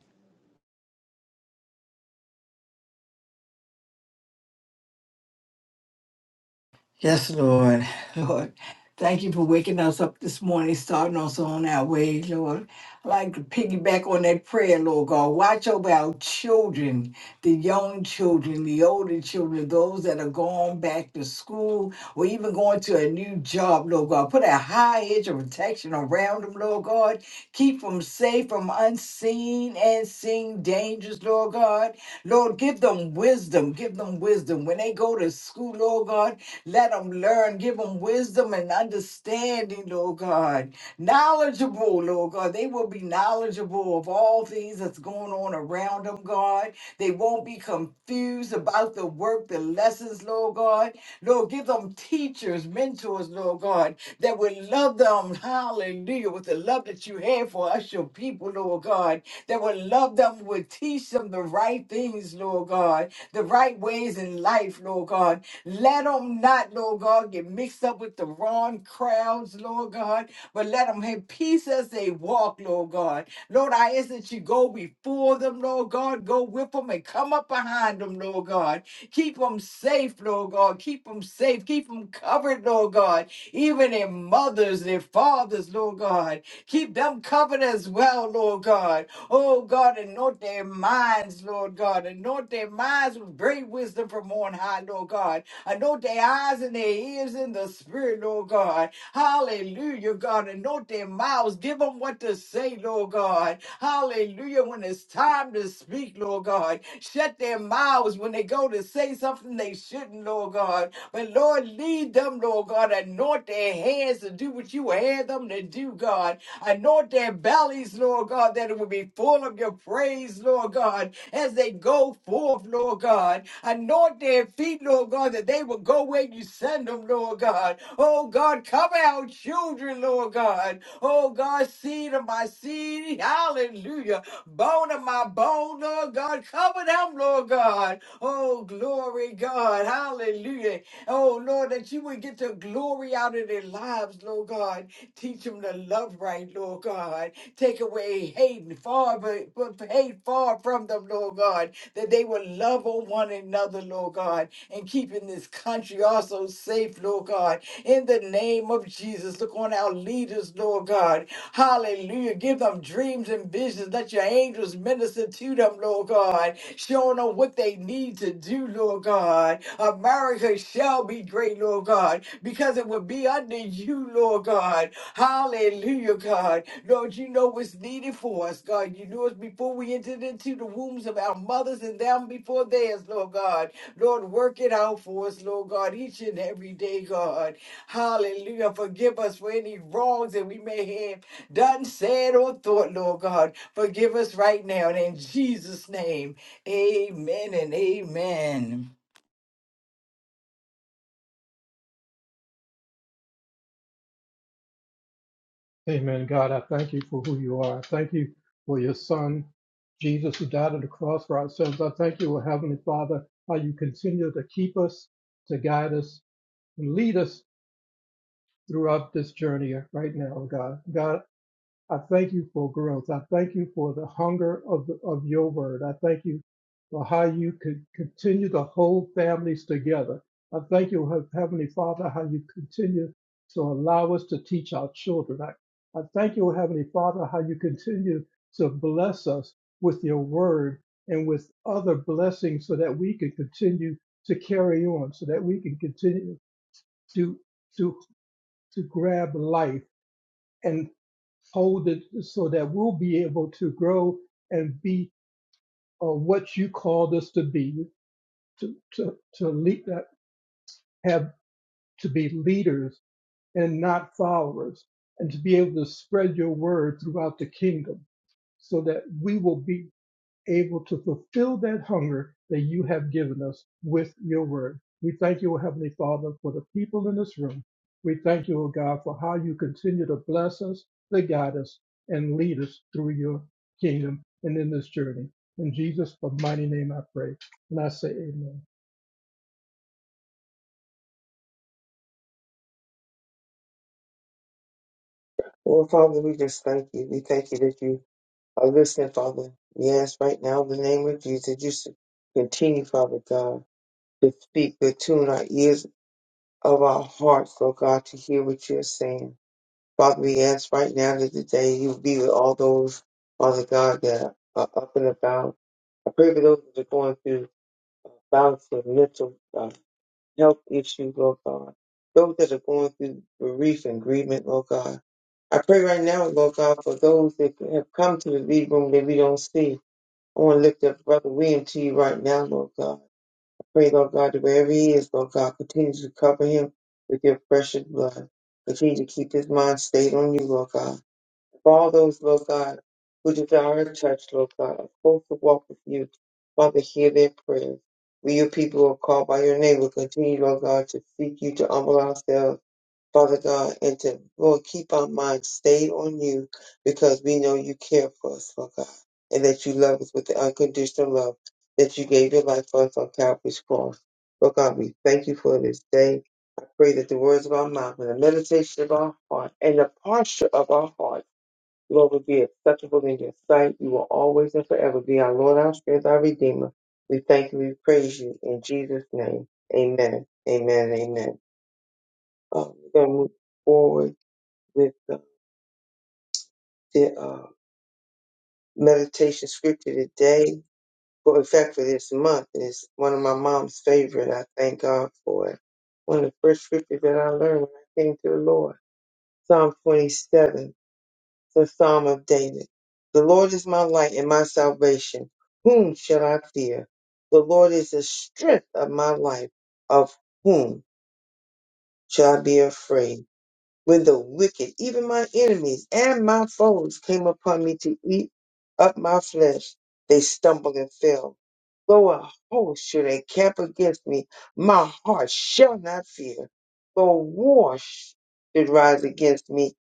D: Yes, Lord. Lord, thank you for waking us up this morning, starting us on our way, Lord. I'd like to piggyback on that prayer, Lord God. Watch over our children, the young children, the older children, those that are going back to school or even going to a new job, Lord God. Put a high edge of protection around them, Lord God. Keep them safe from unseen and seen dangers, Lord God. Lord, give them wisdom. Give them wisdom. When they go to school, Lord God, let them learn. Give them wisdom and understanding, Lord God. Knowledgeable, Lord God. They will be knowledgeable of all things that's going on around them, God. They won't be confused about the work, the lessons, Lord God. Lord, give them teachers, mentors, Lord God, that will love them, hallelujah, with the love that you have for us, your people, Lord God, that will love them, will teach them the right things, Lord God, the right ways in life, Lord God. Let them not, Lord God, get mixed up with the wrong crowds, Lord God, but let them have peace as they walk, Lord God. Lord, I ask that you go before them, Lord God, go with them and come up behind them, Lord God. Keep them safe, Lord God. Keep them safe. Keep them covered, Lord God. Even their mothers, their fathers, Lord God. Keep them covered as well, Lord God. Oh God, anoint their minds, Lord God. Anoint their minds with great wisdom from on high, Lord God. Anoint their eyes and their ears in the spirit, Lord God. Hallelujah, God. Anoint their mouths. Give them what to say, Lord God. Hallelujah. When it's time to speak, Lord God. Shut their mouths when they go to say something they shouldn't, Lord God. But Lord, lead them, Lord God. Anoint their hands to do what you had them to do, God. Anoint their bellies, Lord God, that it will be full of your praise, Lord God, as they go forth, Lord God. Anoint their feet, Lord God, that they will go where you send them, Lord God. Oh God, cover our children, Lord God. Oh God, seed of my seed, hallelujah. Bone of my dry bone, Lord God. Cover them, Lord God. Oh, glory, God. Hallelujah. Oh, Lord, that you would get the glory out of their lives, Lord God. Teach them to love right, Lord God. Take away hate and far, but but hate far from them, Lord God. That they will love on one another, Lord God, and keeping this country also safe, Lord God. In the name of Jesus, look on our leaders, Lord God. Hallelujah. Give them dreams dreams and visions. Let your angels minister to them, Lord God, showing them what they need to do, Lord God. America shall be great, Lord God, because it will be under you, Lord God. Hallelujah, God. Lord, you know what's needed for us, God. You knew us before we entered into the wombs of our mothers and them before theirs, Lord God. Lord, work it out for us, Lord God, each and every day, God. Hallelujah. Forgive us for any wrongs that we may have done said or thought, Lord God. Forgive us right now. And in Jesus' name, amen and amen.
E: Amen. God, I thank you for who you are. I thank you for your son, Jesus, who died on the cross for our sins. I thank you, O Heavenly Father, how you continue to keep us, to guide us, and lead us throughout this journey right now, oh God. God, I thank you for growth. I thank you for the hunger of, the, of your word. I thank you for how you could continue to hold families together. I thank you, Heavenly Father, how you continue to allow us to teach our children. I, I thank you, Heavenly Father, how you continue to bless us with your word and with other blessings so that we can continue to carry on, so that we can continue to, to, to grab life and hold it so that we'll be able to grow and be uh, what you called us to be, to to to lead, uh, have to be leaders and not followers, and to be able to spread your word throughout the kingdom, so that we will be able to fulfill that hunger that you have given us with your word. We thank you, O Heavenly Father, for the people in this room. We thank you, O God, for how you continue to bless us, to guide us, and lead us through your kingdom and in this journey. In Jesus' mighty name I pray. And I say amen.
A: Lord Father, we just thank you. We thank you that you are listening, Father. We ask right now in the name of Jesus, you should continue, Father God, to speak, to tune our ears of our hearts, Lord God, to hear what you're saying. Father, we ask right now that today you be with all those, Father God, that are up and about. I pray for those that are going through uh, bouts of mental uh, health issues, Lord God. Those that are going through grief and grievement, Lord God. I pray right now, Lord God, for those that have come to the lead room that we don't see. I want to lift up Brother William to you right now, Lord God. I pray, Lord God, that wherever he is, Lord God, continue to cover him with your precious blood. Continue to keep his mind stayed on you, Lord God. For all those, Lord God, who desire a touch, Lord God, are supposed to walk with you. Father, hear their prayers. We, your people, who are called by your name, will continue, Lord God, to seek you, to humble ourselves, Father God, and to, Lord, keep our minds stayed on you because we know you care for us, Lord God, and that you love us with the unconditional love that you gave your life for us on Calvary's cross. Lord God, we thank you for this day. I pray that the words of our mouth and the meditation of our heart and the posture of our heart Lord, will be acceptable in your sight. You will always and forever be our Lord, our strength, our Redeemer. We thank you, we praise you in Jesus' name. Amen. Amen. Amen. Uh, we're going to move forward with the, the uh, meditation scripture today. Well, in fact, for this month, and it's one of my mom's favorite. I thank God for it. One of the first scriptures that I learned when I came to the Lord. Psalm 27. the Psalm of David. The Lord is my light and my salvation. Whom shall I fear? The Lord is the strength of my life. Of whom shall I be afraid? When the wicked, even my enemies and my foes, came upon me to eat up my flesh, they stumbled and fell. Though a host should encamp against me, my heart shall not fear. Though war should rise against me,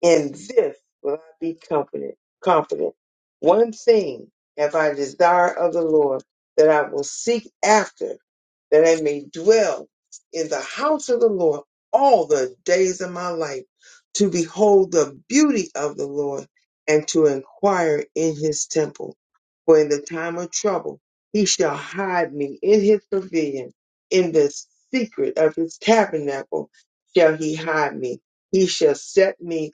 A: in this will I be confident. Confident. One thing have I desire of the Lord that I will seek after, that I may dwell in the house of the Lord all the days of my life, to behold the beauty of the Lord and to inquire in his temple. For in the time of trouble he shall hide me in his pavilion, in the secret of his tabernacle shall he hide me. He shall set me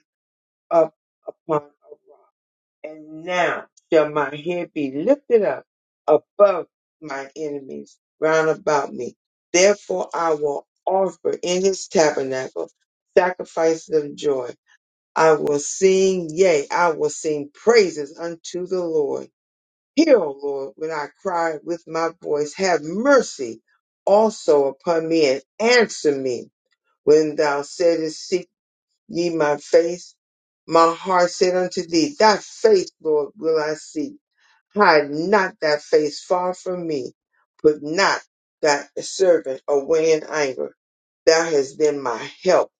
A: up upon a rock. And now shall my head be lifted up above my enemies round about me. Therefore I will offer in his tabernacle sacrifices of joy. I will sing, yea, I will sing praises unto the Lord. Hear, O Lord, when I cry with my voice, have mercy also upon me and answer me. When thou saidest, Ye my face, my heart said unto thee, Thy face, Lord, will I see. Hide not thy face far from me. Put not thy servant away in anger. Thou hast been my help.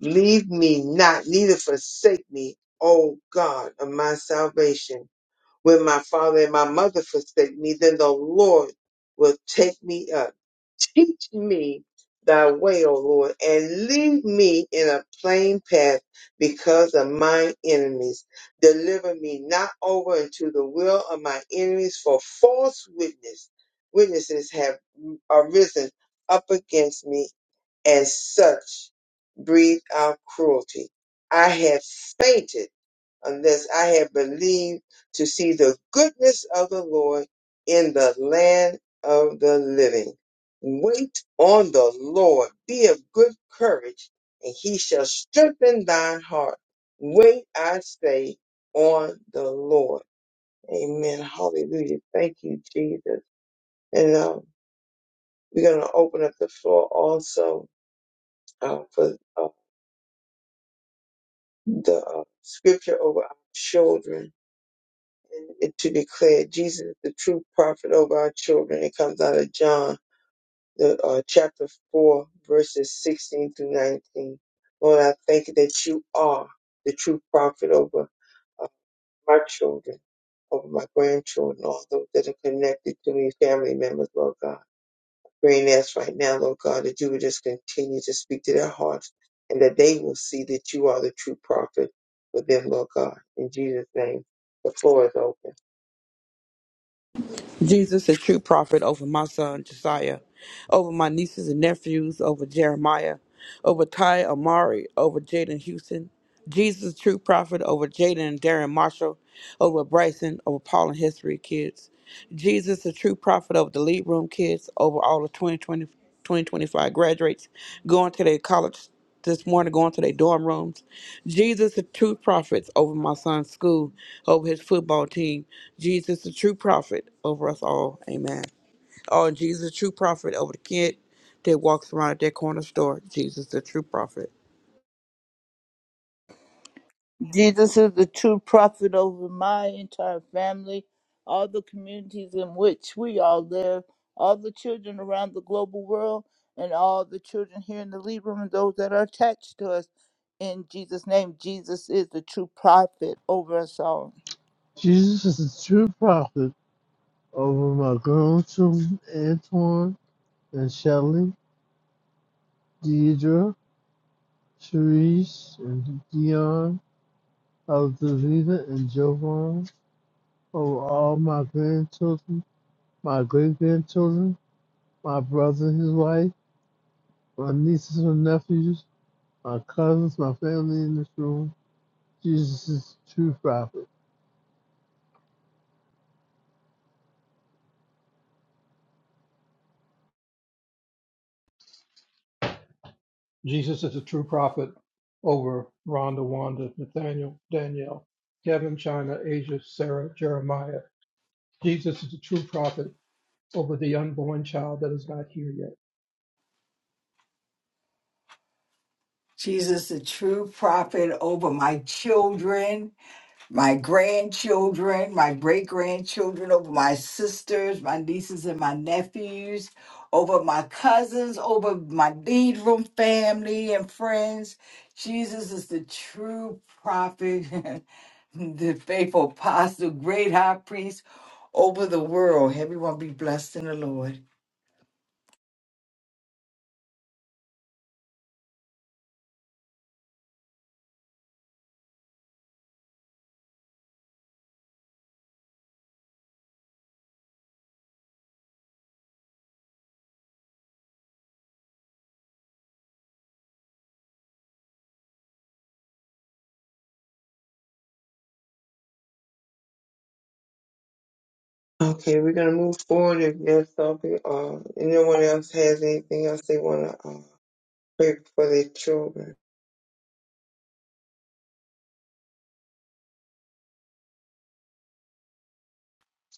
A: Leave me not, neither forsake me, O God of my salvation. When my father and my mother forsake me, then the Lord will take me up. Teach me thy way, O Lord, and lead me in a plain path because of my enemies. Deliver me not over into the will of my enemies, for false witness, witnesses have arisen up against me, and such breathe out cruelty. I have fainted unless I had believed to see the goodness of the Lord in the land of the living. Wait on the Lord. Be of good courage, and he shall strengthen thine heart. Wait, I say, on the Lord. Amen. Hallelujah. Thank you, Jesus. And um, we're going to open up the floor also uh, for uh, the uh, scripture over our children and and to declare Jesus is the true prophet over our children. It comes out of John, the uh, chapter four, verses sixteen through nineteen. Lord, I thank you that you are the true prophet over uh, my children, over my grandchildren, all those that are connected to me, family members, Lord God. Praying this right now, Lord God, that you would just continue to speak to their hearts and that they will see that you are the true prophet for them, Lord God. In Jesus' name, the floor is open.
B: Jesus, a true prophet, over my son Josiah, over my nieces and nephews, over Jeremiah, over Ty Amari, over Jaden Houston. Jesus, true prophet, over Jaden and Darren Marshall, over Bryson, over Paul and History kids. Jesus, the true prophet over the lead room kids, over all the 2020, 2025 graduates going to their college this morning going to their dorm rooms. Jesus, the true prophet over my son's school, over his football team. Jesus, the true prophet over us all. Amen. Oh, and Jesus, the true prophet over the kid that walks around at that corner store. Jesus, the true prophet.
F: Jesus is the true prophet over my entire family, all the communities in which we all live, all the children around the global world, and all the children here in the lead room and those that are attached to us. In Jesus' name, Jesus is the true prophet over us all.
G: Jesus is the true prophet over my grandchildren, Antoine and Shelley, Deidre, Cherise, and Dion, Aldavita, and Jovan, over all my grandchildren, my great-grandchildren, my brother, and his wife, my nieces and nephews, my cousins, my family in this room, Jesus' true prophet.
E: Jesus is a true prophet over Rhonda, Wanda, Nathaniel, Danielle, Kevin, China, Asia, Sarah, Jeremiah. Jesus is a true prophet over the unborn child that is not here yet.
D: Jesus, the true prophet over my children. my grandchildren, my great grandchildren, over my sisters, my nieces, and my nephews, over my cousins, over my lead room family and friends. Jesus is the true prophet, the faithful apostle, great high priest over the world. Everyone be blessed in the Lord.
A: Okay, we're gonna move forward. If there's something, uh, anyone else has anything else they wanna uh, pray for their children,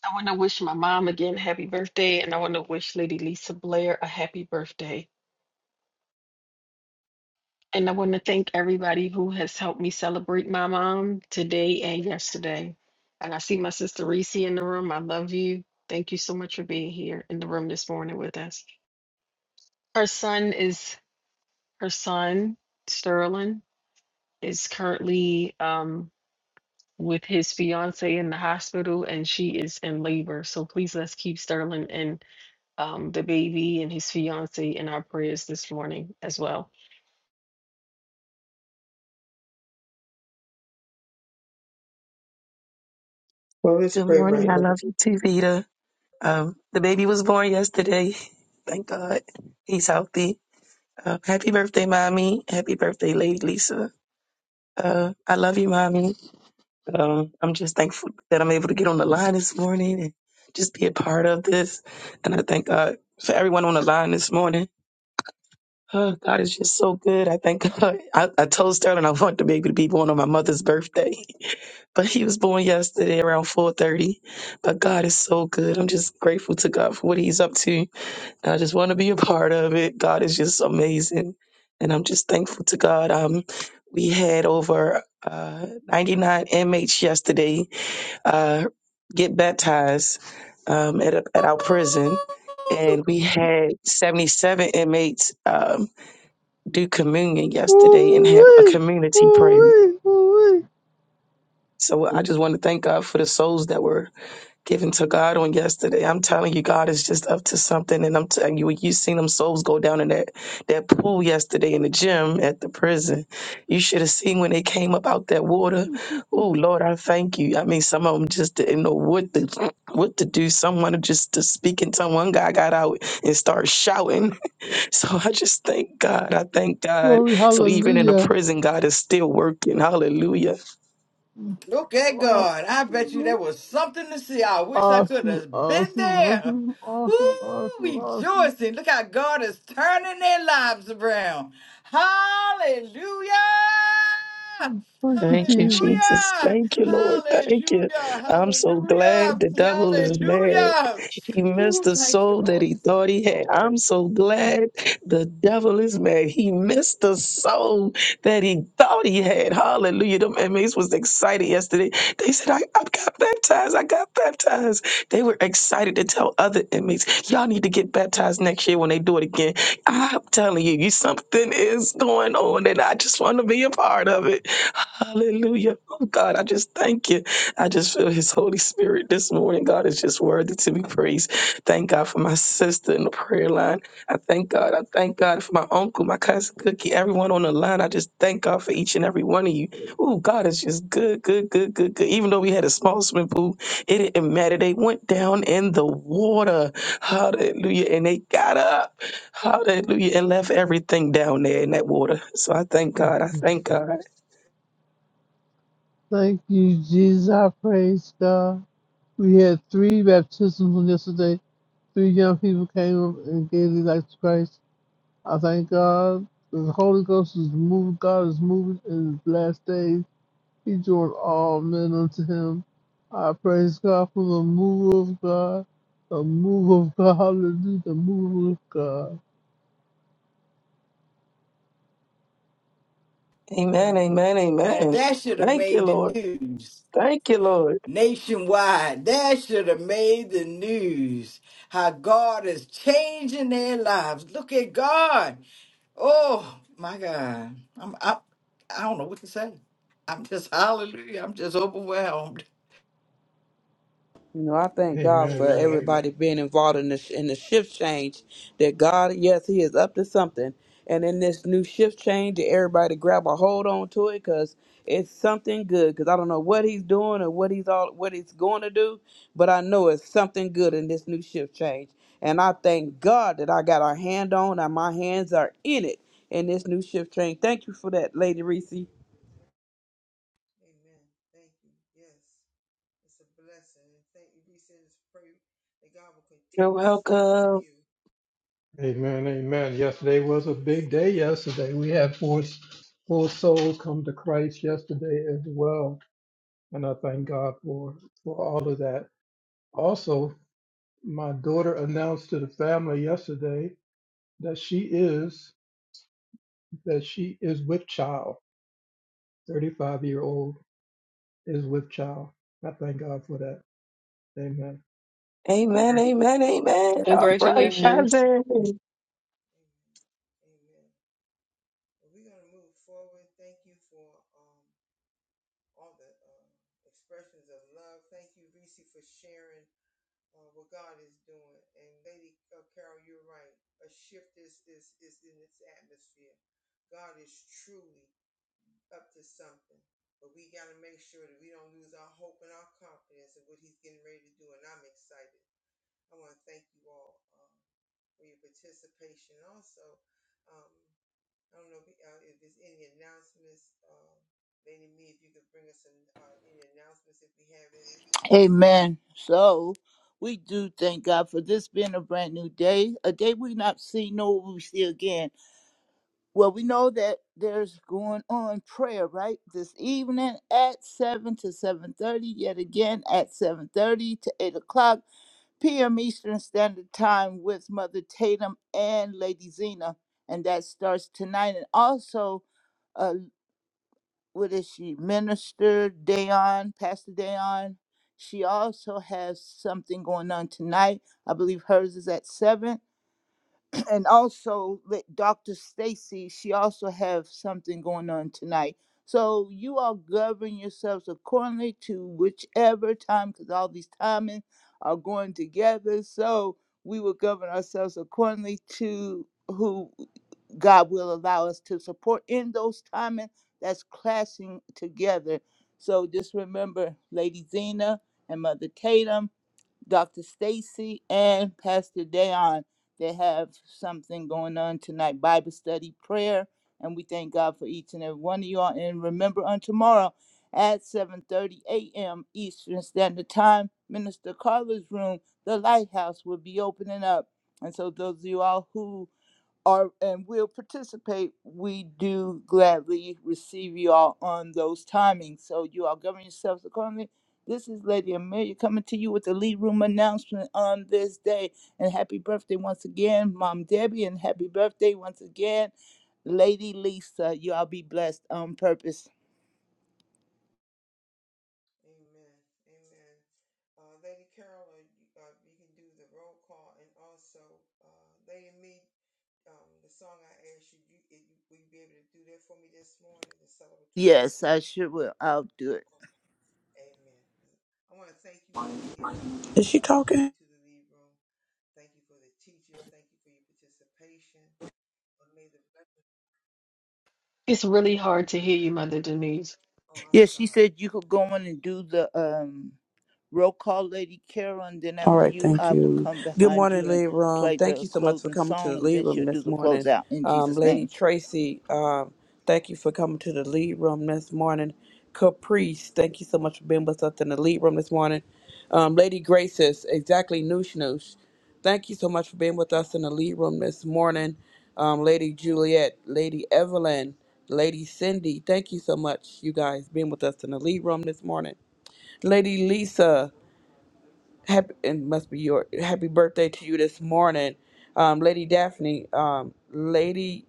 C: I want to wish my mom again happy birthday, and I want to wish Lady Lisa Blair a happy birthday. And I want to thank everybody who has helped me celebrate my mom today and yesterday. And I see my sister Reese in the room. I love you. Thank you so much for being here in the room this morning with us. Her son is her son, Sterling, is currently um, with his fiance in the hospital and she is in labor. So please let's keep Sterling and um, the baby and his fiance in our prayers this morning as well.
A: well, let's
H: Good
A: pray right
H: morning. I
A: now.
H: love you too, Vita. Um, the baby was born yesterday. Thank God. He's healthy. Uh, happy birthday, mommy. Happy birthday, Lady Lisa. Uh, I love you, mommy. Um, I'm just thankful that I'm able to get on the line this morning and just be a part of this. And I thank God for everyone on the line this morning. Oh, God is just so good. I thank God. I, I told Sterling I want the baby to be born on my mother's birthday. but he was born yesterday around 4.30 but god is so good i'm just grateful to god for what he's up to and i just want to be a part of it god is just amazing and i'm just thankful to god um, we had over uh, 99 inmates yesterday uh, get baptized um, at, a, at our prison and we had 77 inmates um, do communion yesterday and have a
G: Ooh-wee,
H: community prayer
G: ooh-wee, ooh-wee.
H: so i just want to thank god for the souls that were given to God on yesterday. I'm telling you, God is just up to something. And I'm telling you, you seen them souls go down in that, that pool yesterday in the gym at the prison. You should have seen when they came up out that water. Oh, Lord, I thank you. I mean, some of them just didn't know what to, what to do. Someone just to speak in tongue. One guy got out and started shouting. So I just thank God. I thank God.
G: Glory,
H: So even in a
G: hallelujah.
H: prison, God is still working. Hallelujah.
D: Okay,
G: Awesome,
D: God, I bet you there was something to see. I wish I could
G: awesome, awesome,
D: have been there.
G: awesome,
D: Woo,
G: awesome, awesome, awesome.
D: rejoicing. Look how God is turning their lives around. Hallelujah!
G: Thank you,
H: Thank you,
G: Jesus.
H: Jesus.
D: Hallelujah!
H: Thank you, Lord. Thank you.
D: Hallelujah!
H: I'm so glad
D: Hallelujah!
H: the devil is mad.
D: Hallelujah!
H: He missed
D: Woo,
H: the
D: thank you,
H: soul that
D: Lord.
H: he
D: Thank
H: thought
D: you,
H: he had.
D: Lord.
H: I'm so
D: Mm.
H: glad the devil is mad. He missed the soul that he thought he had. Hallelujah. Them inmates was excited yesterday. They said, I, I got baptized. I got baptized. They were excited to tell other inmates, y'all need to get baptized next year when they do it again. I'm telling you, you something is going on, and I just want to be a part of it. Hallelujah. Oh God, I just thank you. I just feel his Holy Spirit this morning. God is just worthy to be praised. Thank God for my sister in the prayer line. I thank God. I thank God for my uncle, my cousin Cookie, everyone on the line. I just thank God for each and every one of you. Ooh, God is just good, good, good, good, good. Even though we had a small swimming pool, it didn't matter. They went down in the water. Hallelujah. And they got up. Hallelujah. And left everything down there in that water. So I thank God. I thank God.
G: Thank you, Jesus. I praise God. We had three baptisms on yesterday. Three young people came up and gave their life to Christ. I thank God. The Holy Ghost is moving. God is moving in the last days. He doing all men unto him. I praise God for the move of God, the move of God, hallelujah, the move of God.
H: Amen.
A: Amen.
H: Amen.
D: Now
H: Amen.
D: that should have
H: Thank you,
D: made the
H: Lord.
D: news.
H: Thank you, Lord.
D: nationwide. That should have made the news. How God is changing their lives. Look at God. Oh my God. I'm I, I don't know what to say. I'm just hallelujah. I'm just overwhelmed.
B: You know, I thank God
E: Amen.
B: for
E: Amen.
B: everybody being involved in the in the shift change. That God, yes, He is up to something. And in this new shift change, that everybody grab a hold on to it because it's something good. Because I don't know what He's doing or what He's all what He's going to do, but I know it's something good in this new shift change. And I thank God that I got a hand on and my hands are in it in this new shift change. Thank you for that, Lady Reese.
A: Thank you. Yes, it's a blessing. And thank you. We send this prayer that God will
H: You're
A: continue to strengthen
H: welcome.
A: you.
E: Amen.
A: I
E: Amen.
A: pray God
E: Yesterday
A: will
E: was a
A: continue to
E: big day.
A: strengthen you.
E: Yesterday we had four four souls come to Christ yesterday as well, and I thank God for for all of that. Also, my daughter announced to the family yesterday that she is that she is with child. Thirty five year old is with child. I thank God for that. Amen.
H: Amen, amen, amen. All
A: Amen.
H: right,
C: Congratulations.
H: cousin.
A: Amen. Amen. And we're going to move forward. Thank you for um, all the uh, expressions of love. Thank you, Reese, for sharing. uh, what God is doing. And Lady uh, Carol, you're right. A shift is, is, is in its atmosphere. God is truly up to something. But we got to make sure that we don't lose our hope and our confidence in what He's getting ready to do. And I'm excited. I want to thank you all um, for your participation. Also, um, I don't know if, uh, if there's any announcements. Um, Lady Me, if you could bring us an, uh, any announcements if we have any.
F: Amen. So we do thank God for this being a brand new day, a day we not see nor will we see again. Well, we know that there's going on prayer right this evening at seven to seven thirty. Yet again at seven thirty to eight o'clock p.m. Eastern Standard Time with Mother Tatum and Lady Zena, and that starts tonight. And also, uh, what is she, Minister Dayon, Pastor Dayon? She also has something going on tonight. I believe hers is at seven and also let Dr. Stacy, she also have something going on tonight. So you all govern yourselves accordingly to whichever time, because all these timings are going together. So we will govern ourselves accordingly to who God will allow us to support in those timing that's clashing together. So just remember Lady Zena and Mother Tatum Dr. Stacy and Pastor Dayon. They have something going on tonight, Bible study, prayer, and we thank God for each and every one of y'all. And remember on tomorrow at 7:30 a.m. Eastern Standard Time, Minister Carla's room, the Lighthouse will be opening up. And so those of you all who are and will participate, we do gladly receive you all on those timings. So you all govern yourselves accordingly. This is Lady Amelia coming to you with the lead room announcement on this day. And happy birthday once again, Mom Debbie, and happy birthday once again, Lady Lisa. You all be blessed on purpose.
A: Amen. Amen. Uh, Lady Carolyn, you, uh, you can do the roll call, and also uh, Lady Me, um, the song I asked you, you, if you, will you be able to do that for me this morning, the celebratory
F: Yes,
A: song?
F: I sure will. I'll do it.
A: Amen. I want to thank you all again for
B: Is she
A: uh,
B: talking?
A: coming to the lead room. Thank you for the teachers. Thank you for your participation. And may the blessing.
C: It's
A: And,
C: really hard to hear you, Mother Denise.
A: oh, I'm
F: Yeah, she
A: sorry.
F: said you could go in
A: Um,
F: and do the um roll call, Lady Carol, and then
B: All
F: after
B: right,
F: you,
B: thank
F: I will
B: you.
F: come
B: Good
F: behind
B: morning,
F: you and
B: Lead Room.
F: play
B: Thank
F: the
B: you so much for
F: closing
B: coming to
F: song,
B: the
F: and
B: Lead
F: then
B: Room
F: she'll do
B: this
F: the
B: morning.
F: closeout in
B: Um,
F: Jesus'
B: Lady
F: name.
B: Tracy, um, thank you for coming to the Lead Room this morning. Caprice, thank you so much for being with us in the Lead Room this morning. Um, Lady Graces, exactly, Noosh Noosh. Thank you so much for being with us in the Lead Room this morning. Um, Lady Juliet, Lady Evelyn, Lady Cindy, thank you so much, you guys, being with us in the Lead Room this morning. Lady Lisa happy it must be your happy birthday to you this morning um lady daphne um lady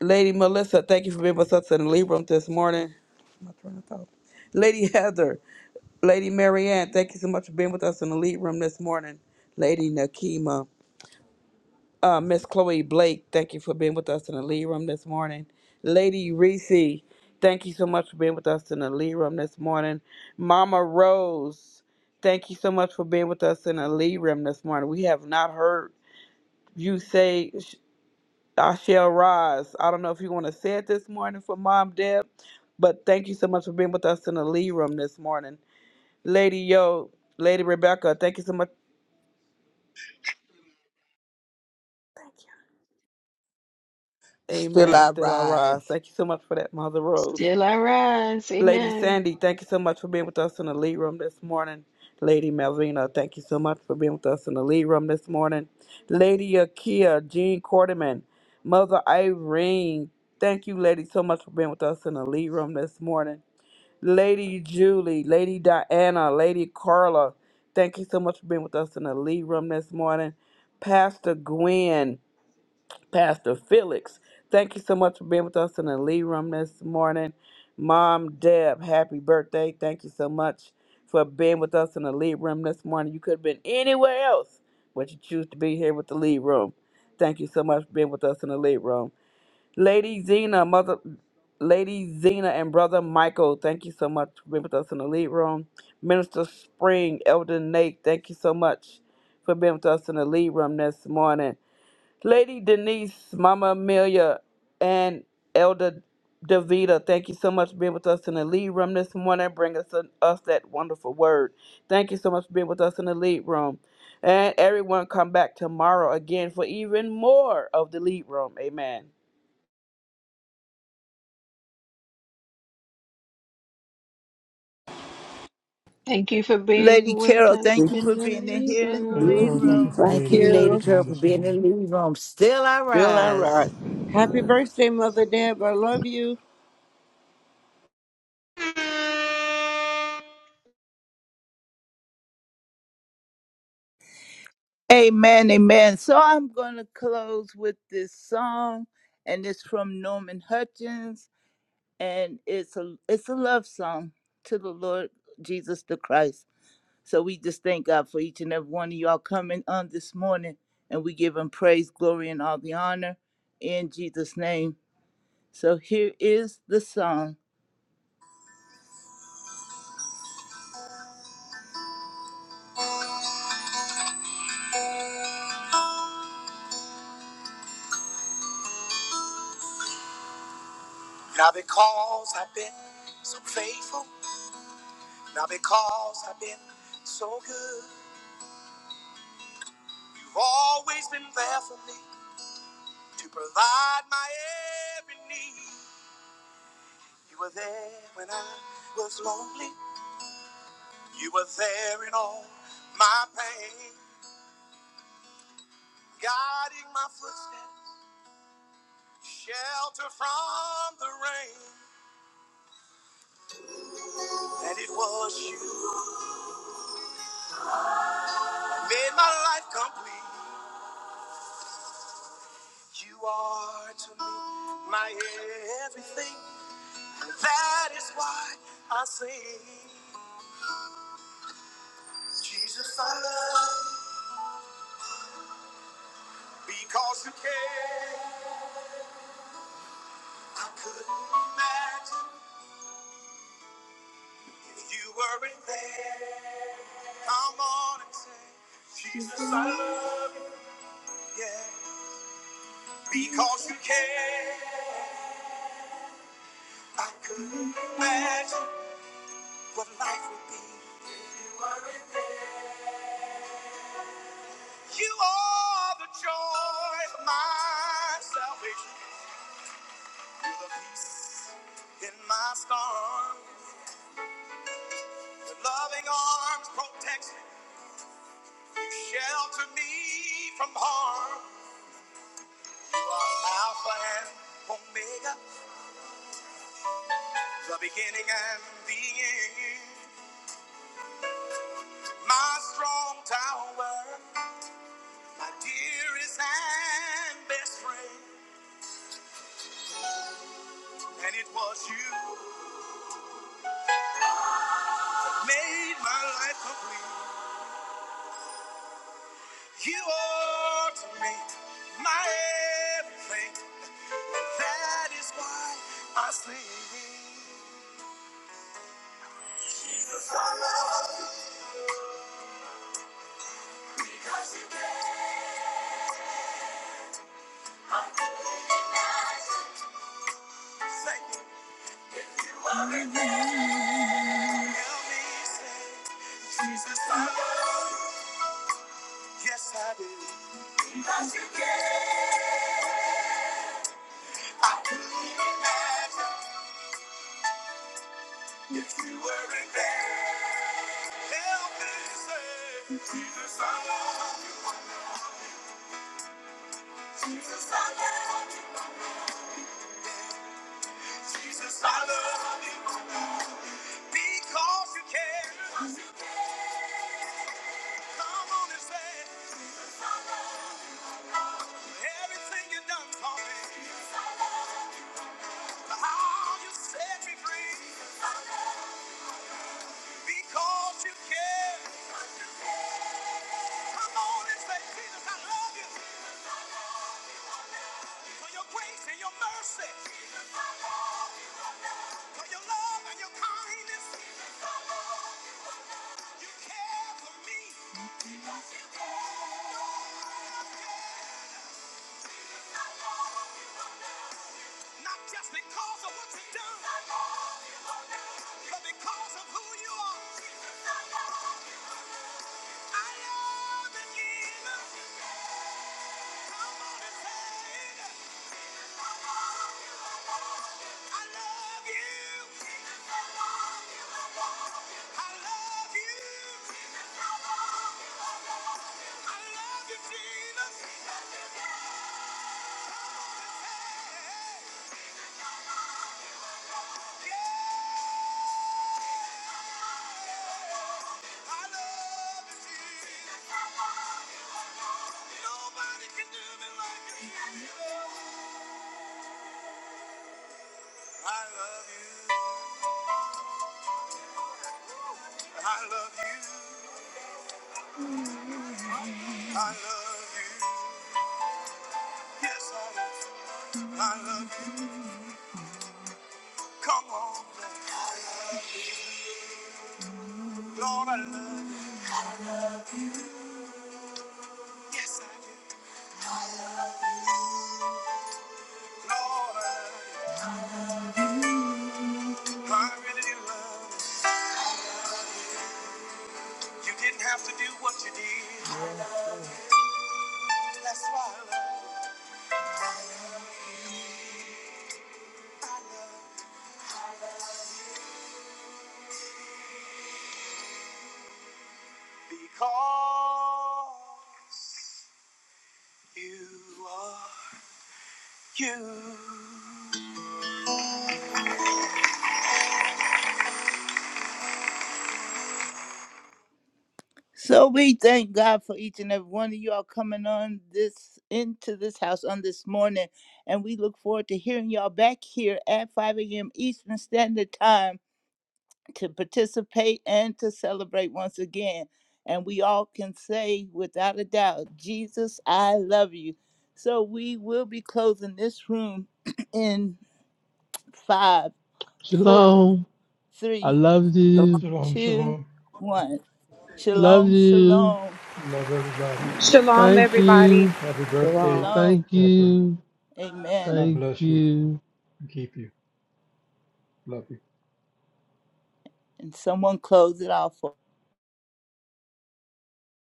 B: lady melissa thank you for being with us in the lead room this morning my train of thought. lady heather lady marianne thank you so much for being with us in the lead room this morning lady nakima uh, Miss Chloe Blake, thank you for being with us in the lead room this morning. Lady Reese, thank you so much for being with us in the lead room this morning. Mama Rose, thank you so much for being with us in the lead room this morning. We have not heard you say, sh- I shall rise. I don't know if you want to say it this morning for Mom Deb, but thank you so much for being with us in the lead room this morning. Lady Yo, Lady Rebecca, thank you so much.
I: Still
B: Amen.
I: I
B: Still I
I: rise.
B: rise. Thank you so much for that, Mother Rose.
C: Still I rise.
B: Lady
C: Amen.
B: Sandy, thank you so much for being with us in the lead room this morning. Lady Malvina, thank you so much for being with us in the lead room this morning. Lady Akia, Jean Quarterman, Mother Irene, thank you, lady, so much for being with us in the lead room this morning. Lady Julie, Lady Diana, Lady Carla, thank you so much for being with us in the lead room this morning. Pastor Gwen, Pastor Felix. Thank you so much for being with us in the lead room this morning. Mom Deb, happy birthday. Thank you so much for being with us in the lead room this morning. You could have been anywhere else, but you choose to be here with the lead room. Thank you so much for being with us in the lead room. Lady Zena, mother Lady Zena and brother Michael, thank you so much for being with us in the lead room. Minister Spring, Elder Nate, thank you so much for being with us in the lead room this morning. Lady Denise, Mama Amelia, and Elder Davida, thank you so much for being with us in the lead room this morning. Bring us, us that wonderful word. Thank you so much for being with us in the lead room. And everyone come back tomorrow again for even more of the lead room. Amen.
C: Thank you for
A: amen.
F: Lady
C: being with
F: Carol,
C: us
F: thank
J: Thank
F: you for
C: in the
A: Carol,
F: being in
A: welcome to
C: lead
F: here
A: the
F: in
A: lead
F: the
E: Lady
A: room.
F: lead
E: Carol,
C: room.
E: thank you
F: room.
E: for
D: Thank
E: being in
D: you,
E: the
D: Lady
E: lead
J: you.
E: room
D: Carol, for
E: this
D: being in the
E: morning.
D: living room. Still I
J: Still I
D: rise.
J: rock. Happy birthday, Mother Deb. I love you.
F: Amen, amen. So I'm going to close with this song, and it's from Norman Hutchins, and it's a it's a love song to the Lord Jesus the Christ. So we just thank God for each and every one of y'all coming on this morning, and we give Him praise, glory, and all the honor in Jesus' name. So here is the song. Now because I've been so faithful, now because I've been so good, you've always been there for me to provide my every need. You were there when I was lonely. You were there in all my pain, guiding my footsteps shelter from the rain. And it was you that made my life complete. You are to me my everything. And that is why I sing. Jesus, I love you because you care. I couldn't imagine if you weren't there. Come on and say, Jesus, I love you. Yeah because you care. I couldn't imagine what life would be. You are the joy of my salvation. You're the peace in my storm. Your loving arms protect me. You shelter me from harm. You are Alpha and Omega, the beginning and the end. My strong tower, my dearest and best friend. And it was you made my life complete. You are to me my everything. That is why I sleep. Say, help me say, Jesus, I love you. Yes, I do. Could you imagine if you weren't there? Help me say, Jesus, I love you. Jesus, I love you. Jesus, I love you. Because you care. Because you care. Come on and say everything you done for me. How you set me free because you care. Come on and say, Jesus, I love you for your grace and your mercy, for your love and your kindness. You care for me, not just because of what you've done, I love you, Lord, but because of who you are. I love you, Jesus. Come on and say it. I love you. I love you. Jesus, I love you. I love you. Jesus, I love you. I love you, Hey, yeah. I love you, Jesus. Nobody can do me like you. I love you. I love you. I love you. Yes, I do. I love you. Come on, Lord, Lord, I love you. Yes, I do. Lord, I love you. I really love you. You didn't have to do what you did. That's why I love you. because you are you. So we thank God for each and every one of y'all coming on this into this house on this morning, and we look forward to hearing y'all back here at 5 a.m. Eastern Standard Time. to participate and to celebrate once again. And we all can say without a doubt, Jesus, I love you. So we will be closing this room in five, four,
G: Shalom. I
F: three,
G: love you,
E: Shalom.
F: two,
E: Shalom.
F: one.
A: Mom, love
G: love
F: Shalom,
A: y'all.
G: you.
F: shalom,
A: God bless.
E: Love everybody.
K: Shalom,
G: Thank
K: everybody.
G: you,
E: Happy
B: Shalom.
E: birthday,
F: shalom.
G: thank
E: Deborah.
G: you,
F: Amen.
E: God
G: thank
E: bless you
G: you.
E: and keep you. Love you.
F: And someone close it off for